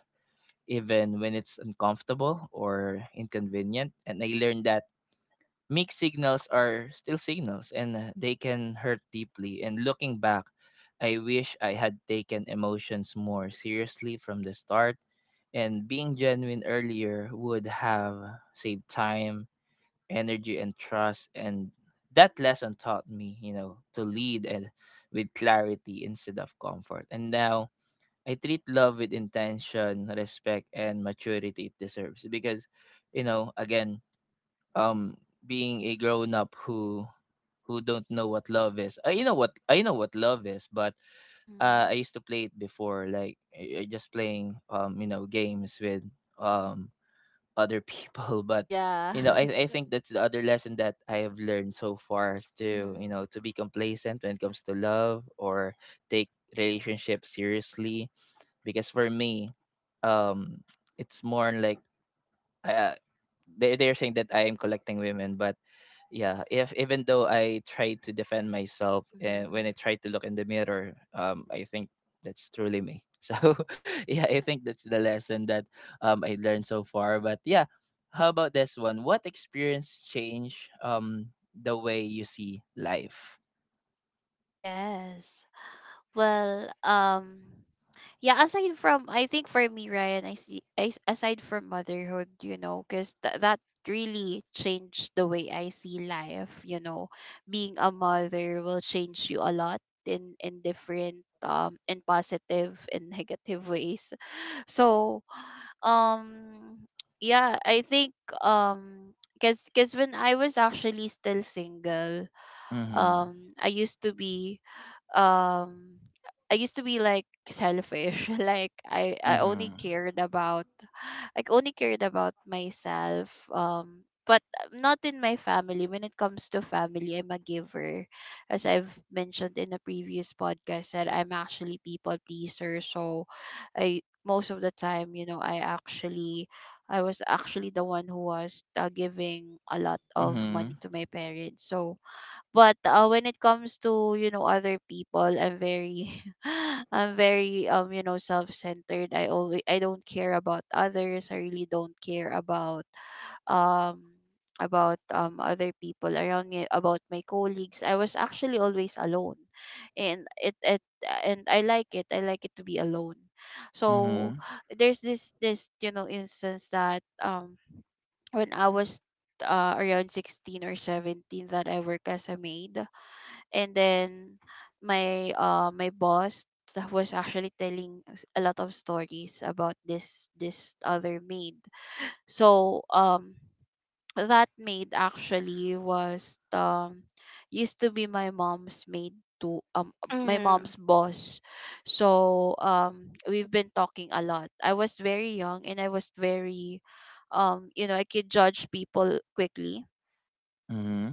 Speaker 1: even when it's uncomfortable or inconvenient. And I learned that mixed signals are still signals, and uh, they can hurt deeply. And looking back, I wish I had taken emotions more seriously from the start, and being genuine earlier would have saved time, energy, and trust. And that lesson taught me, you know, to lead and with clarity instead of comfort. And now I treat love with intention, respect, and maturity it deserves. Because, you know, again, um being a grown up who who don't know what love is I you know what I know what love is, but uh I
Speaker 2: Mhm.
Speaker 1: used to play it before. Like, I- I just playing um you know, games with um other people [LAUGHS] but
Speaker 2: Yeah.
Speaker 1: you know, I, I
Speaker 2: [LAUGHS]
Speaker 1: think that's the other lesson that I have learned so far, is to,
Speaker 2: mhm.
Speaker 1: you know, to be complacent when it comes to love, or take relationship seriously. Because for me, um it's more on, like, uh, they, they're saying that I am collecting women. But yeah, if even though I tried to defend myself, and when I
Speaker 2: Mhm.
Speaker 1: tried to look in the mirror, um I think that's truly me [LAUGHS] so yeah, I think that's the lesson that um I learned so far. But yeah, how about this one: what experience changed, um the way you see life?
Speaker 2: Yes. Well, um yeah, aside from, I think for me, Ryan, I see I, s- aside from motherhood, you know, because th- that really changed the way I see life, you know. Being a mother will change you a lot in in different um in positive and [LAUGHS] negative ways. So, um yeah, I think um because cause when I was actually still single,
Speaker 1: Mhm
Speaker 2: um I used to be um I used to be like selfish, [LAUGHS] like I I only
Speaker 1: mhm
Speaker 2: cared about I only cared about myself. Um but not in my family. When it comes to family, I'm a giver. As I've mentioned in a previous podcast, that I'm actually people pleaser. So I most of the time, you know, I actually I was actually the one who was uh, giving a lot of money
Speaker 1: mhm
Speaker 2: to my parents. So but uh, when it comes to, you know, other people, I'm very, [LAUGHS] I'm very um you know, self-centered. I always I don't care about others. I really don't care about um about um other people around me, about my colleagues. I was actually always alone, and it it and I like it. I like it to be alone. So there's this this you know, instance that um when I was uh, around sixteen or seventeen that I work as a maid. And then my uh my boss, that was actually telling us a lot of stories about this this other maid. So um that maid actually was um used to be my mom's maid, to um my
Speaker 3: Mm-hmm.
Speaker 2: mom's boss. So um we've been talking a lot. I was very young and I was very um you know, I could judge people quickly.
Speaker 1: mhm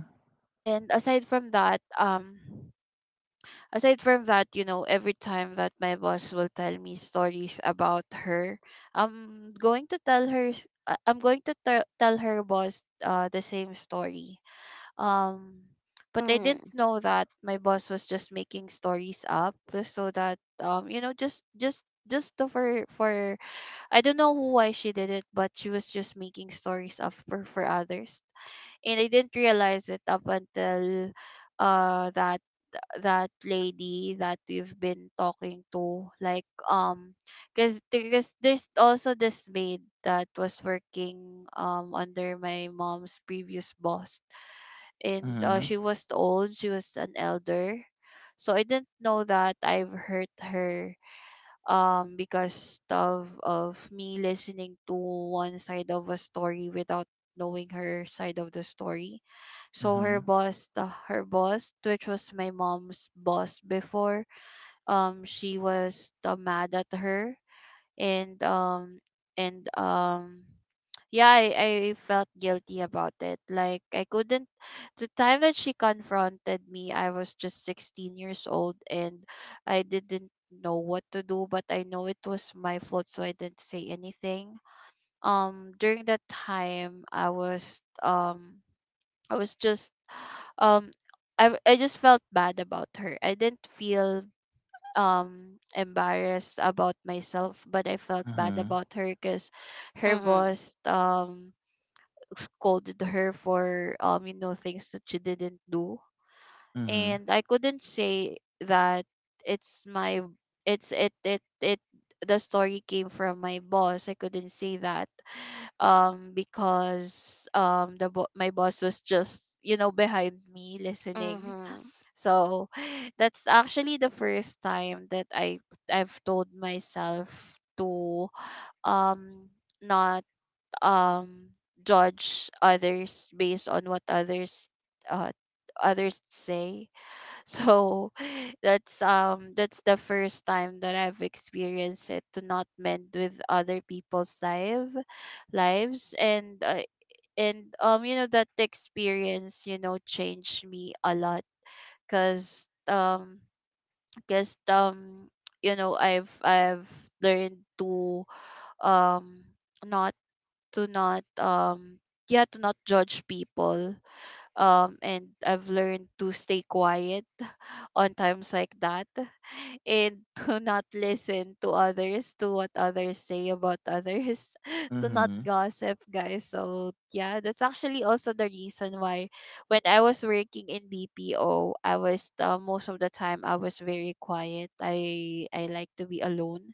Speaker 2: And aside from that, um aside from that, you know, every time that my boss will tell me stories about her, I'm going to tell her s- uh, I'm going to tell tell her boss uh, the same story. Um but I didn't know that my boss was just making stories up so that um you know just just just to- for for I don't know why she did it, but she was just making stories up for, for others. And I didn't realize it up until uh that that lady that we've been talking to, like, um because because there's also this maid that was working um under my mom's previous boss. And uh,
Speaker 1: mhm
Speaker 2: she was old, she was an elder. So I didn't know that I've hurt her, um because of of me listening to one side of a story without knowing her side of the story. So her
Speaker 1: mhm
Speaker 2: boss, the her boss which was my mom's boss before, um she was uh, mad at her. And um and um yeah, I, I felt guilty about it, like I couldn't. The time that she confronted me, I was just sixteen years old, and I didn't know what to do, but I know it was my fault, so I didn't say anything. um during that time I was um i was just um i, I just felt bad about her. I didn't feel um embarrassed about myself, but I felt bad
Speaker 1: mhm
Speaker 2: about her because her
Speaker 3: Mm-hmm.
Speaker 2: boss, um scolded her for um you know things that she didn't do,
Speaker 1: mhm
Speaker 2: and I couldn't say that it's my— it's it it it the story came from my boss. I couldn't say that um because um the bo- my boss was just, you know, behind me listening.
Speaker 3: Mm-hmm.
Speaker 2: So [SIGHS] that's actually the first time that i i've told myself to um not um judge others based on what others uh others say. [LAUGHS] So that's um that's the first time that I've experienced it, to not mend with other people's life lives. And uh, and um you know, that experience, you know, changed me a lot because um because um you know, i've i've learned to um not— to not um yeah, to not judge people. um and I've learned to stay quiet on times like that [LAUGHS] and to not listen to others, to what others say about others, [LAUGHS] to not
Speaker 1: mhm
Speaker 2: gossip, guys. So yeah, that's actually also the reason why when I was working in BPO, I was, uh, most of the time I was very quiet. I i like to be alone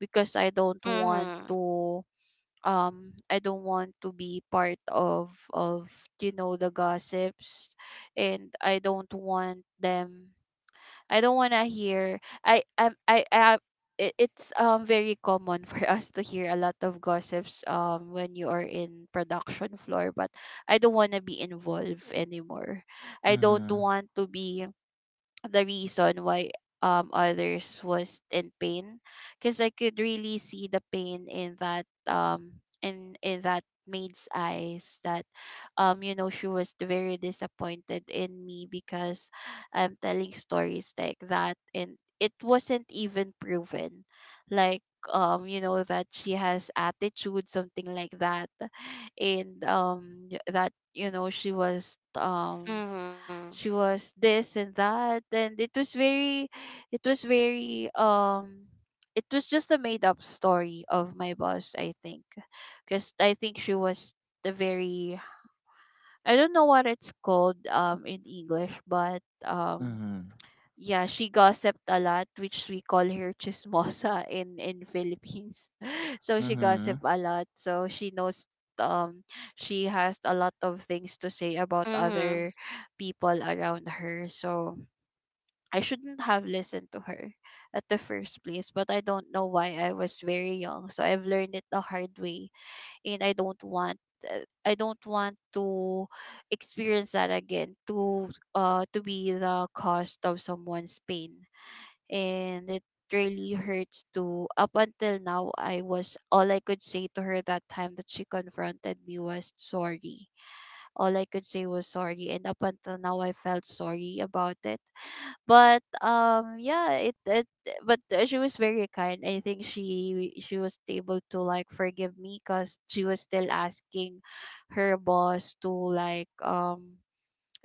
Speaker 2: because I don't want
Speaker 3: Mm-hmm.
Speaker 2: to— um I don't want to be part of of you know, the gossips. And I don't want them— I don't want to hear— I I I, I it, it's um very common [LAUGHS] for us to hear a lot of gossips um when you are in production floor, but I don't want to be involved anymore. I don't
Speaker 1: mhm
Speaker 2: want to be the reason why um others was in pain, because I could really see the pain in that um in in that maid's eyes. That um you know, she was very disappointed in me because I'm telling stories like that, and it wasn't even proven, like, um you know, that she has attitude, something like that. And um that, you know, she was um
Speaker 3: Mm-hmm.
Speaker 2: she was this and that, and it was very it was very um it was just a made up story of my boss, I think, because I think she was the very— I don't know what it's called um in English, but
Speaker 1: mhm
Speaker 2: um
Speaker 1: mhm
Speaker 2: yeah, she gossiped a lot, which we call her chismosa in in Philippines. [LAUGHS] So she
Speaker 1: mhm
Speaker 2: gossiped a lot. So she knows um she has a lot of things to say about
Speaker 3: Mm-hmm.
Speaker 2: other people around her. So I shouldn't have listened to her at the first place, but I don't know why, I was very young. So I've learned it the hard way, and I don't want— uh, I don't want to experience that again, to uh to be the cost of someone's pain. And it really hurts to— up until now, I was— all I could say to her that time that she confronted me was sorry. All I could say was sorry, and up until now I felt sorry about it. But um yeah, it, it but uh, she was very kind. I think she she was able to, like, forgive me, because she was still asking her boss to, like, um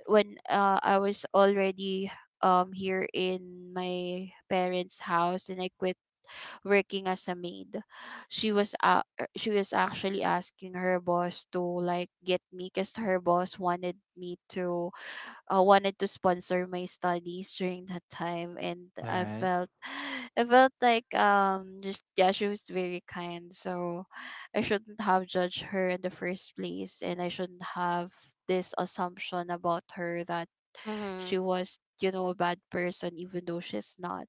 Speaker 2: when uh, I was already um here in my parents' house and I quit working as a maid. She was uh, she was actually asking her boss to, like, get me, because her boss wanted me to— uh, wanted to sponsor my studies during that time. And
Speaker 1: All
Speaker 2: I
Speaker 1: right.
Speaker 2: felt, [SIGHS] I felt like, um just, yeah, she was very kind. So I shouldn't have judged her in the first place, and I shouldn't have this assumption about her that
Speaker 3: Mm-hmm.
Speaker 2: she was, you know, a bad person even though she's not.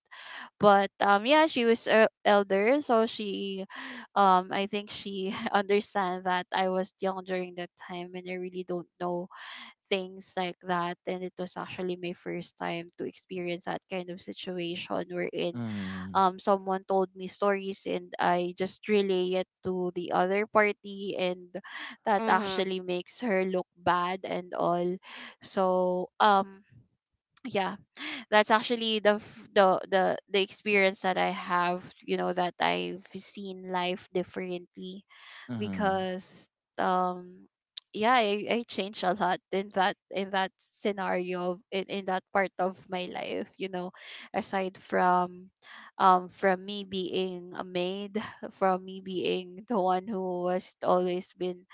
Speaker 2: But um yeah, she was a elder, so she um I think she [LAUGHS] understand that I was young during that time and I really don't know things like that. And it was actually my first time to experience that kind of situation, wherein
Speaker 1: mhm
Speaker 2: um someone told me stories and I just relay it to the other party, and that
Speaker 3: Mm-hmm. Mm-hmm.
Speaker 2: actually makes her look bad and all. So um yeah, that's actually the f- the the the experience that I have, you know, that I've seen life differently,
Speaker 1: Mm-hmm.
Speaker 2: because um yeah, I, I changed a lot in that— in that scenario, in, in that part of my life, you know, aside from um from me being a maid, [LAUGHS] from me being the one who was always been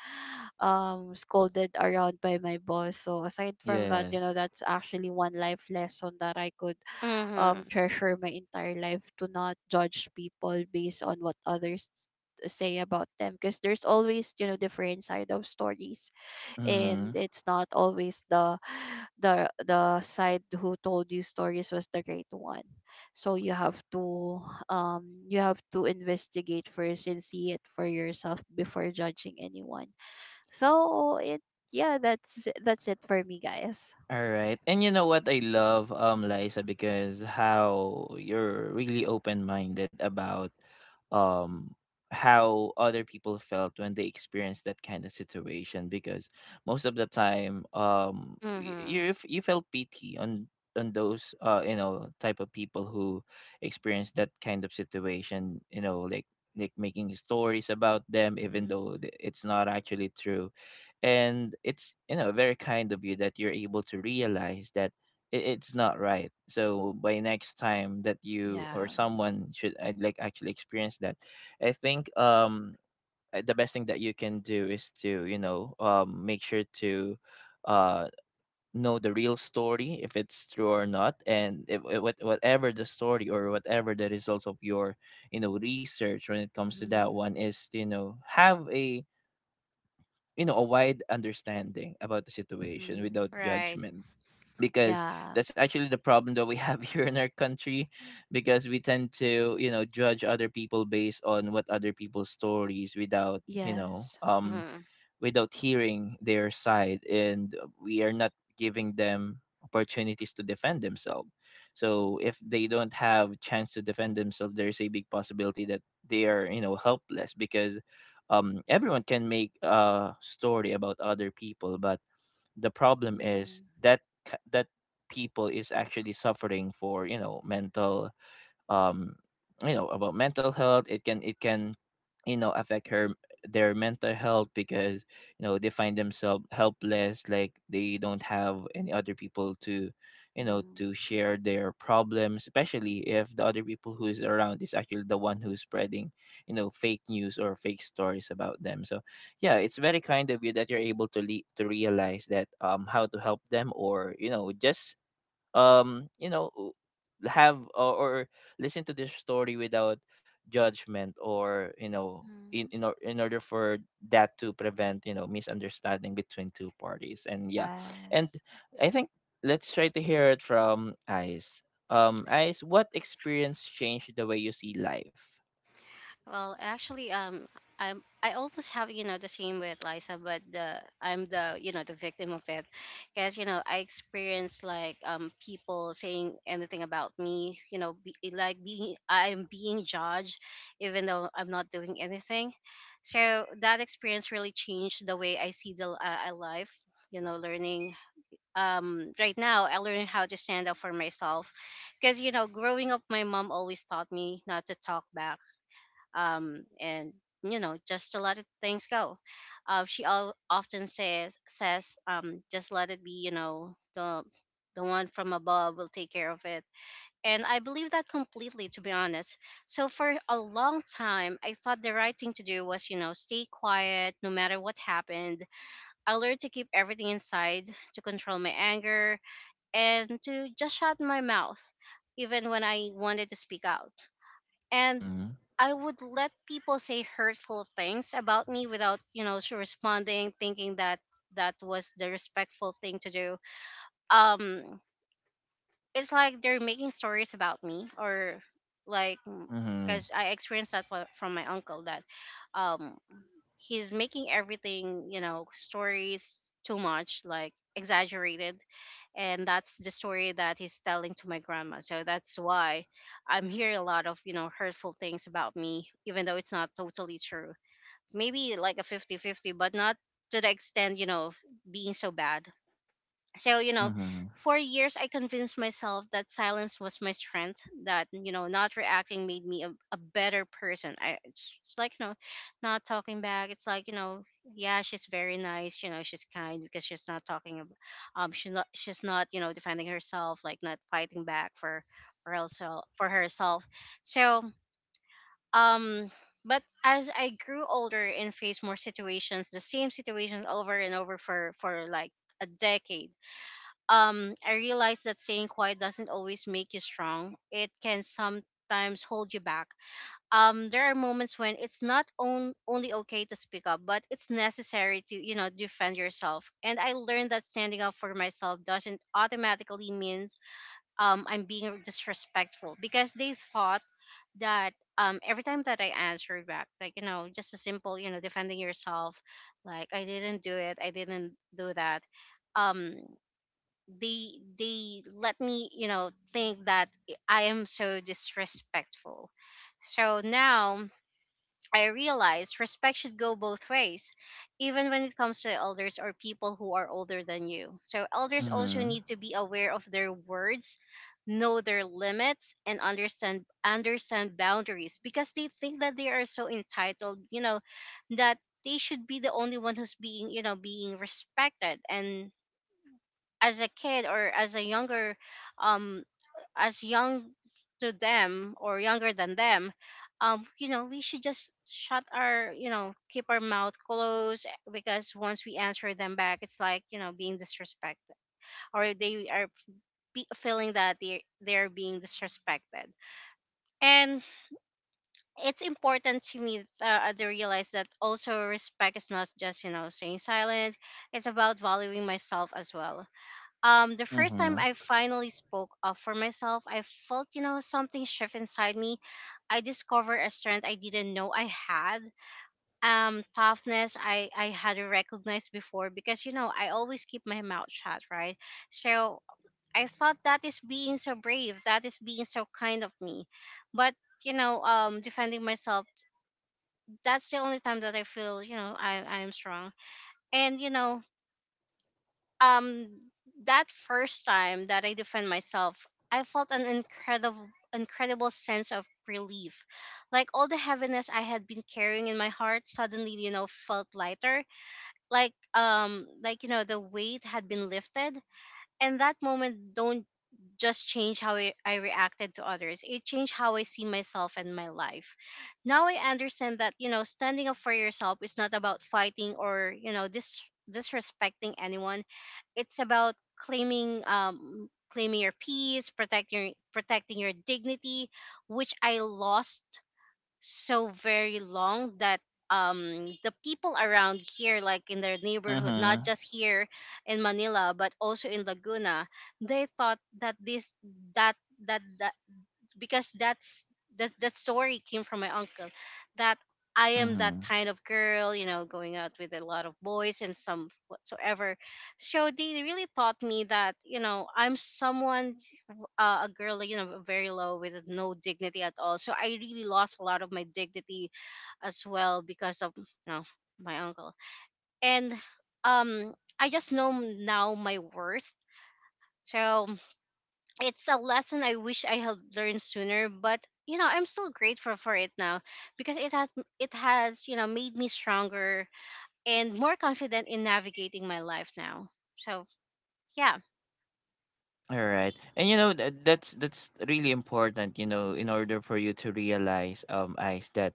Speaker 2: um scolded around by my boss. So aside from that, you know,
Speaker 1: Yes.
Speaker 2: that's actually one life lesson that I could um
Speaker 3: Mm-hmm.
Speaker 2: treasure my entire life, to not judge people based on what others say about them, because there's always, you know, different side of stories.
Speaker 1: Mhm.
Speaker 2: And it's not always the the the side who told you stories was the great one. So you have to um you have to investigate first and see it for yourself before judging anyone. So it— yeah, that's that's it for me, guys.
Speaker 1: All right. And you know what I love, um, Liza, because how you're really open minded about um how other people felt when they experienced that kind of situation. Because most of the time, um y-
Speaker 3: Mm-hmm.
Speaker 1: you f- you felt pity on on those uh you know, type of people who experience that kind of situation. You know, like like making stories about them even though
Speaker 2: Mm-hmm.
Speaker 1: th- it's not actually true. And it's, you know, very kind of you that you're able to realize that it, it's not right. So by next time that you or
Speaker 2: Yeah.
Speaker 1: someone should, I like, actually experience that, I think, um uh, the best thing that you can do is to, you know, um make sure to uh know the real story if it's true or not. And if, if, what- whatever the story or whatever the results of your, you know, research when it comes to
Speaker 2: Mm-hmm.
Speaker 1: that one is, you know, have a, you know, a wide understanding about the situation without
Speaker 2: Mm-hmm.
Speaker 3: Right.
Speaker 1: judgment. Because
Speaker 2: Yeah.
Speaker 1: that's actually the problem that we have [LAUGHS] here in our country, because we tend to, you know, judge other people based on what other people's stories, without, you know
Speaker 2: Yes.
Speaker 1: um
Speaker 3: Mm-hmm.
Speaker 1: without hearing their side. And we are not giving them opportunities to defend themselves. So if they don't have a chance to defend themselves, there's a big possibility that they are, you know, helpless. Because um, everyone can make a story about other people, but the problem is
Speaker 2: Mm-hmm.
Speaker 1: that ca- that people is actually suffering for, you know, mental, um you know, about mental health. It can, it can, you know, affect her, their mental health. Because you know, they find themselves helpless, like they don't have any other people to, you know,
Speaker 2: Mm-hmm.
Speaker 1: to share their problems, especially if the other people who is around is actually the one who's spreading, you know, fake news or fake stories about them. So yeah, it's very kind of you that you're able to le- to realize that um how to help them, or you know, just um you know, w- have or, or listen to this story without judgment, or you know, in
Speaker 2: Mm-hmm.
Speaker 1: in, or, in order for that to prevent, you know, misunderstanding between two parties. And yeah. And
Speaker 2: Yes.
Speaker 1: I think let's try to hear it from Ice. Um ice, what experience changed the way you see life?
Speaker 3: Well, actually, um, I'm I always have, you know the same with Liza, but the I'm the you know the victim of it, because, you know I experienced like, um people saying anything about me, you know, be, eh, like being I'm being judged, even though I'm not doing anything. So that experience really changed the way I see the uh, uh, life. You know, learning. Um, right now, I learn how to stand up for myself, because, you know, growing up, my mom always taught me not to talk back, um, and, you know just to let it, things go. Uh, she al- often says says, um, just let it be. You know, the the one from above will take care of it, and I believe that completely. To be honest, so for a long time, I thought the right thing to do was, you know stay quiet no matter what happened. I learned to keep everything inside, to control my anger, and to just shut my mouth even when I wanted to speak out and
Speaker 1: mm-hmm
Speaker 3: I would let people say hurtful things about me without, you know, s- responding, thinking that that was the respectful thing to do. Um, it's like they're making stories about me, or like,
Speaker 1: mm-hmm
Speaker 3: because I experienced that fro- from my uncle that, um, he's making everything you know stories too much like exaggerated, and that's the story that he's telling to my grandma. So that's why I'm hearing a lot of you know hurtful things about me, even though it's not totally true. Maybe like a fifty-fifty, but not to the extent you know of being so bad. So you know,
Speaker 1: mm-hmm
Speaker 3: for years I convinced myself that silence was my strength, that you know not reacting made me a, a better person. I it's, it's like you know not talking back, it's like you know, yeah, she's very nice, you know, she's kind because she's
Speaker 1: think,
Speaker 3: not talking ab-
Speaker 1: um the
Speaker 3: um she's
Speaker 1: best
Speaker 3: not,
Speaker 1: thing
Speaker 3: she's
Speaker 1: about
Speaker 3: not you
Speaker 1: this
Speaker 3: know defending
Speaker 1: one.
Speaker 3: herself, like not fighting back for for herself, for herself. So um but as I grew older and faced more situations, the same situations over and over for for like a decade, um, I realized that staying quiet doesn't always make you strong. It can sometimes hold you back. Um, there are moments when it's not on, only okay to speak up, but it's necessary to, you know, defend yourself. And I learned that standing up for myself doesn't automatically means um, I'm being disrespectful because they thought that um, every time that I answer back, like, you know, just a simple, you know, defending yourself, like, I didn't do it, I didn't do that. Um, they they let me you know think that I am so disrespectful. So now I realize respect should go both ways, even when it comes to elders or people who are older than you. So elders also
Speaker 1: mm-hmm
Speaker 3: need to be aware of their words, know their limits and understand understand boundaries, because they think that they are so entitled you know, that they should be the only one who's being you know being respected. And as a kid or as a younger, um as young to them or younger than them, um you know we should just shut our, you know, keep our mouth closed, eh, because once we answer them back it's like you know being disrespected, or they are be- feeling that they they're being disrespected. And it's important to me uh, to realize that also respect is not just you know staying silent, it's about valuing myself as well. Um, the first
Speaker 1: mm-hmm
Speaker 3: time I finally spoke up for myself, I felt, you know, something shift inside me. I discovered a strength I didn't know I had. Um, toughness I, I had recognized before because, you know, I always keep my mouth shut, right? So I thought that is being so brave, that is being so kind of me. But, you know, um, defending myself, that's the only time that I feel, you know, I, I am strong. And, you know, um that first time that I defend myself, I felt an incredible, incredible sense of relief. Like all the heaviness I had been carrying in my heart suddenly, you know, felt lighter. Like um like you know, the weight had been lifted. And that moment don't just change how I, I reacted to others, it changed how I see myself and my life now. I understand that you know standing up for yourself is not about fighting or you know dis- disrespecting anyone. It's about claiming um claiming your peace, protecting protecting your dignity, which I lost so very long. That um the people around here, like in their neighborhood, not
Speaker 1: mm-hmm
Speaker 3: just here in Manila, but also in Laguna, they thought that this that that that because that's that that story came from my uncle, that I am that
Speaker 1: mm-hmm
Speaker 3: kind of girl, you know, going out with a lot of boys and some whatsoever. So they really taught me that you know I'm someone, uh, a girl, like, you know, very low with no dignity at all. So I really lost a lot of my dignity as well because of you know, my uncle. And um, I just know now my worth. So it's a lesson I wish I had learned sooner, but you know I'm still grateful for it now, because it has, it has you know made me stronger and more confident in navigating my life now. So yeah,
Speaker 1: All right. And you know that that's that's really important, you know, in order for you to realize, um eyes that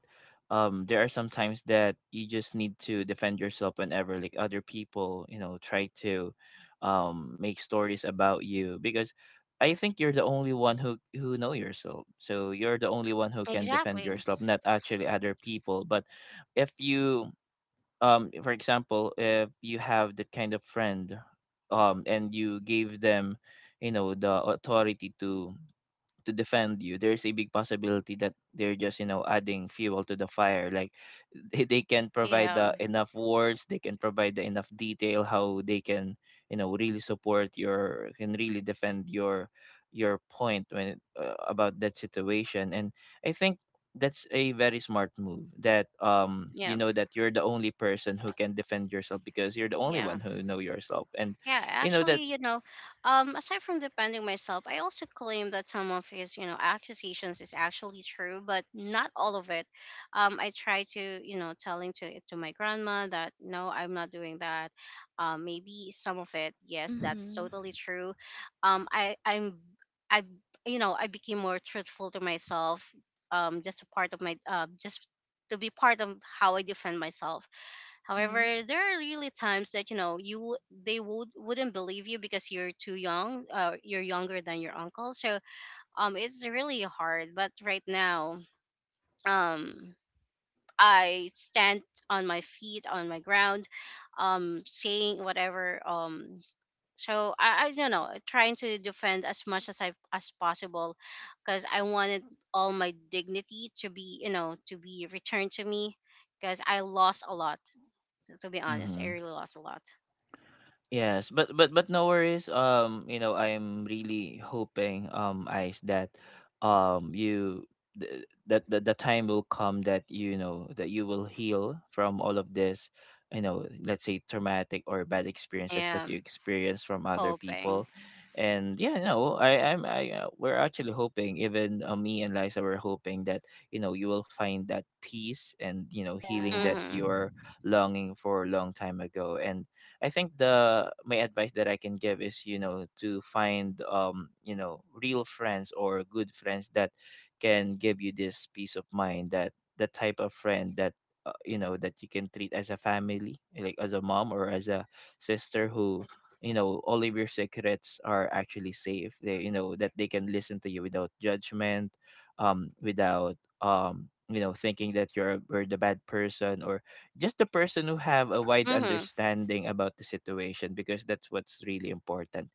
Speaker 1: um there are some times that you just need to defend yourself whenever, like, other people, you know, try to um make stories about you. Because I think you're the only one who who know yourself. So you're the only one who can defend
Speaker 3: exactly.
Speaker 1: yourself, not actually other people. But if you, um for example, if you have that kind of friend um and you gave them, you know, the authority to to defend you, there's a big possibility that they're just, you know, adding fuel to the fire. Like, they, they can provide
Speaker 3: Yeah,
Speaker 1: the enough words, they can provide the enough detail how they can, you know, really support your, can really defend your your point when it, uh, about that situation. And I think that's a very smart move, that, um you
Speaker 3: yeah,
Speaker 1: know, that you're the only person who can defend yourself, because you're the only
Speaker 3: yeah.
Speaker 1: one who know yourself, and
Speaker 3: Yeah,
Speaker 1: you know that.
Speaker 3: actually, you know, um, aside from defending myself, I also claim that some of his, you know, accusations is actually true, but not all of it. Um, I try to, you know, telling to to my grandma that no, I'm not doing that. Um, maybe some of it, yes, that's
Speaker 2: Mhm.
Speaker 3: totally true. Um, I I'm I You know, I became more truthful to myself. Um, just a part of my uh, just to be part of how I defend myself.
Speaker 2: Mhm.
Speaker 3: However, there are really times that you know you they would wouldn't believe you because you're too young, uh, you're younger than your uncle. So um, it's really hard. But right now, um, I stand on my feet, on my ground, um, saying whatever. Um so I, I don't know, trying to defend as much as I as possible, because I wanted all my dignity to be you know to be returned to me, because I lost a lot. So, to be honest, I
Speaker 1: Mhm.
Speaker 3: really lost a lot.
Speaker 1: Yes, but but but no worries. Um, you know, I'm really hoping, um, Ice, that um, you th- that the, the time will come that you know that you will heal from all of this, you know, let's say traumatic or bad experiences that you
Speaker 3: Am
Speaker 1: experience from other
Speaker 3: hoping.
Speaker 1: people. And yeah, no, I I'm I uh, we're actually hoping, even, uh, me and Liza were hoping, that you know, you will find that peace and you know, healing
Speaker 2: Yeah.
Speaker 1: that
Speaker 3: Mhm.
Speaker 1: you're longing for a long time ago. And I think the, my advice that I can give is, you know, to find, um you know, real friends or good friends that can give you this peace of mind, that the type of friend that, uh, you know, that you can treat as a family, like as a mom or as a sister, who, you know, all of your secrets are actually safe. They, you know, that they can listen to you without judgment, um without um you know, thinking that you're, a- you're the bad person, or just the person who have a wide
Speaker 3: Mhm.
Speaker 1: understanding about the situation, because that's what's really important.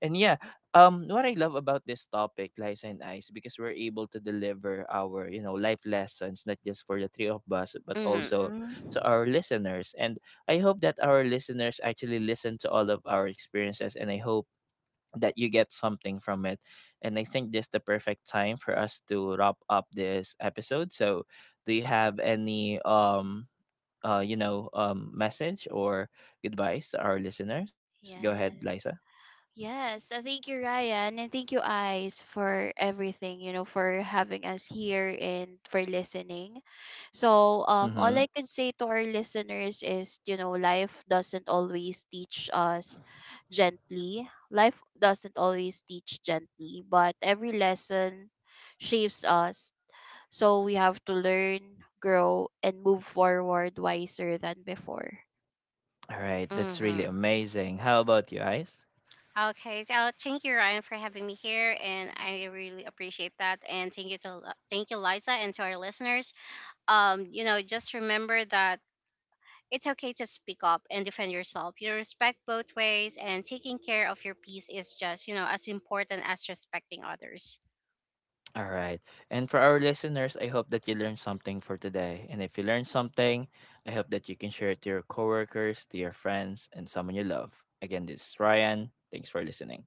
Speaker 1: And yeah, um what I love about this topic, Lies and Ice, because we're able to deliver our, you know, life lessons, not just for the three of us but
Speaker 3: Mhm.
Speaker 1: also to
Speaker 2: Mhm.
Speaker 1: our listeners. And I hope that our listeners actually listen to all of our experiences, and I hope that you get something from it. And I think this is the perfect time for us to wrap up this episode. So do you have any, um uh, you know, um, message or advice to our listeners? Go ahead, Liza.
Speaker 2: Yes. Yes, I thank you, Ryan, and thank you, Eyes, for everything, you know, for having us here and for listening. So,
Speaker 1: Mm-hmm.
Speaker 2: um, all I can say to our listeners is, you know, life doesn't always teach us gently. Life doesn't always teach gently, but every lesson shapes us. So, we have to learn, grow, and move forward wiser than before.
Speaker 1: All right, that's really
Speaker 3: Mhm.
Speaker 1: amazing. How about you, Ice?
Speaker 3: Okay, so thank you, Ryan, for having me here, and I really appreciate that. And thank you to, thank you Liza, and to our listeners, um you know just remember that it's okay to speak up and defend yourself. You respect both ways, and taking care of your peace is just, you know, as important as respecting others.
Speaker 1: All right. And for our listeners, I hope that you learned something for today. And if you learned something, I hope that you can share it to your coworkers, to your friends, and someone you love. Again, this is Ryan. Thanks for listening.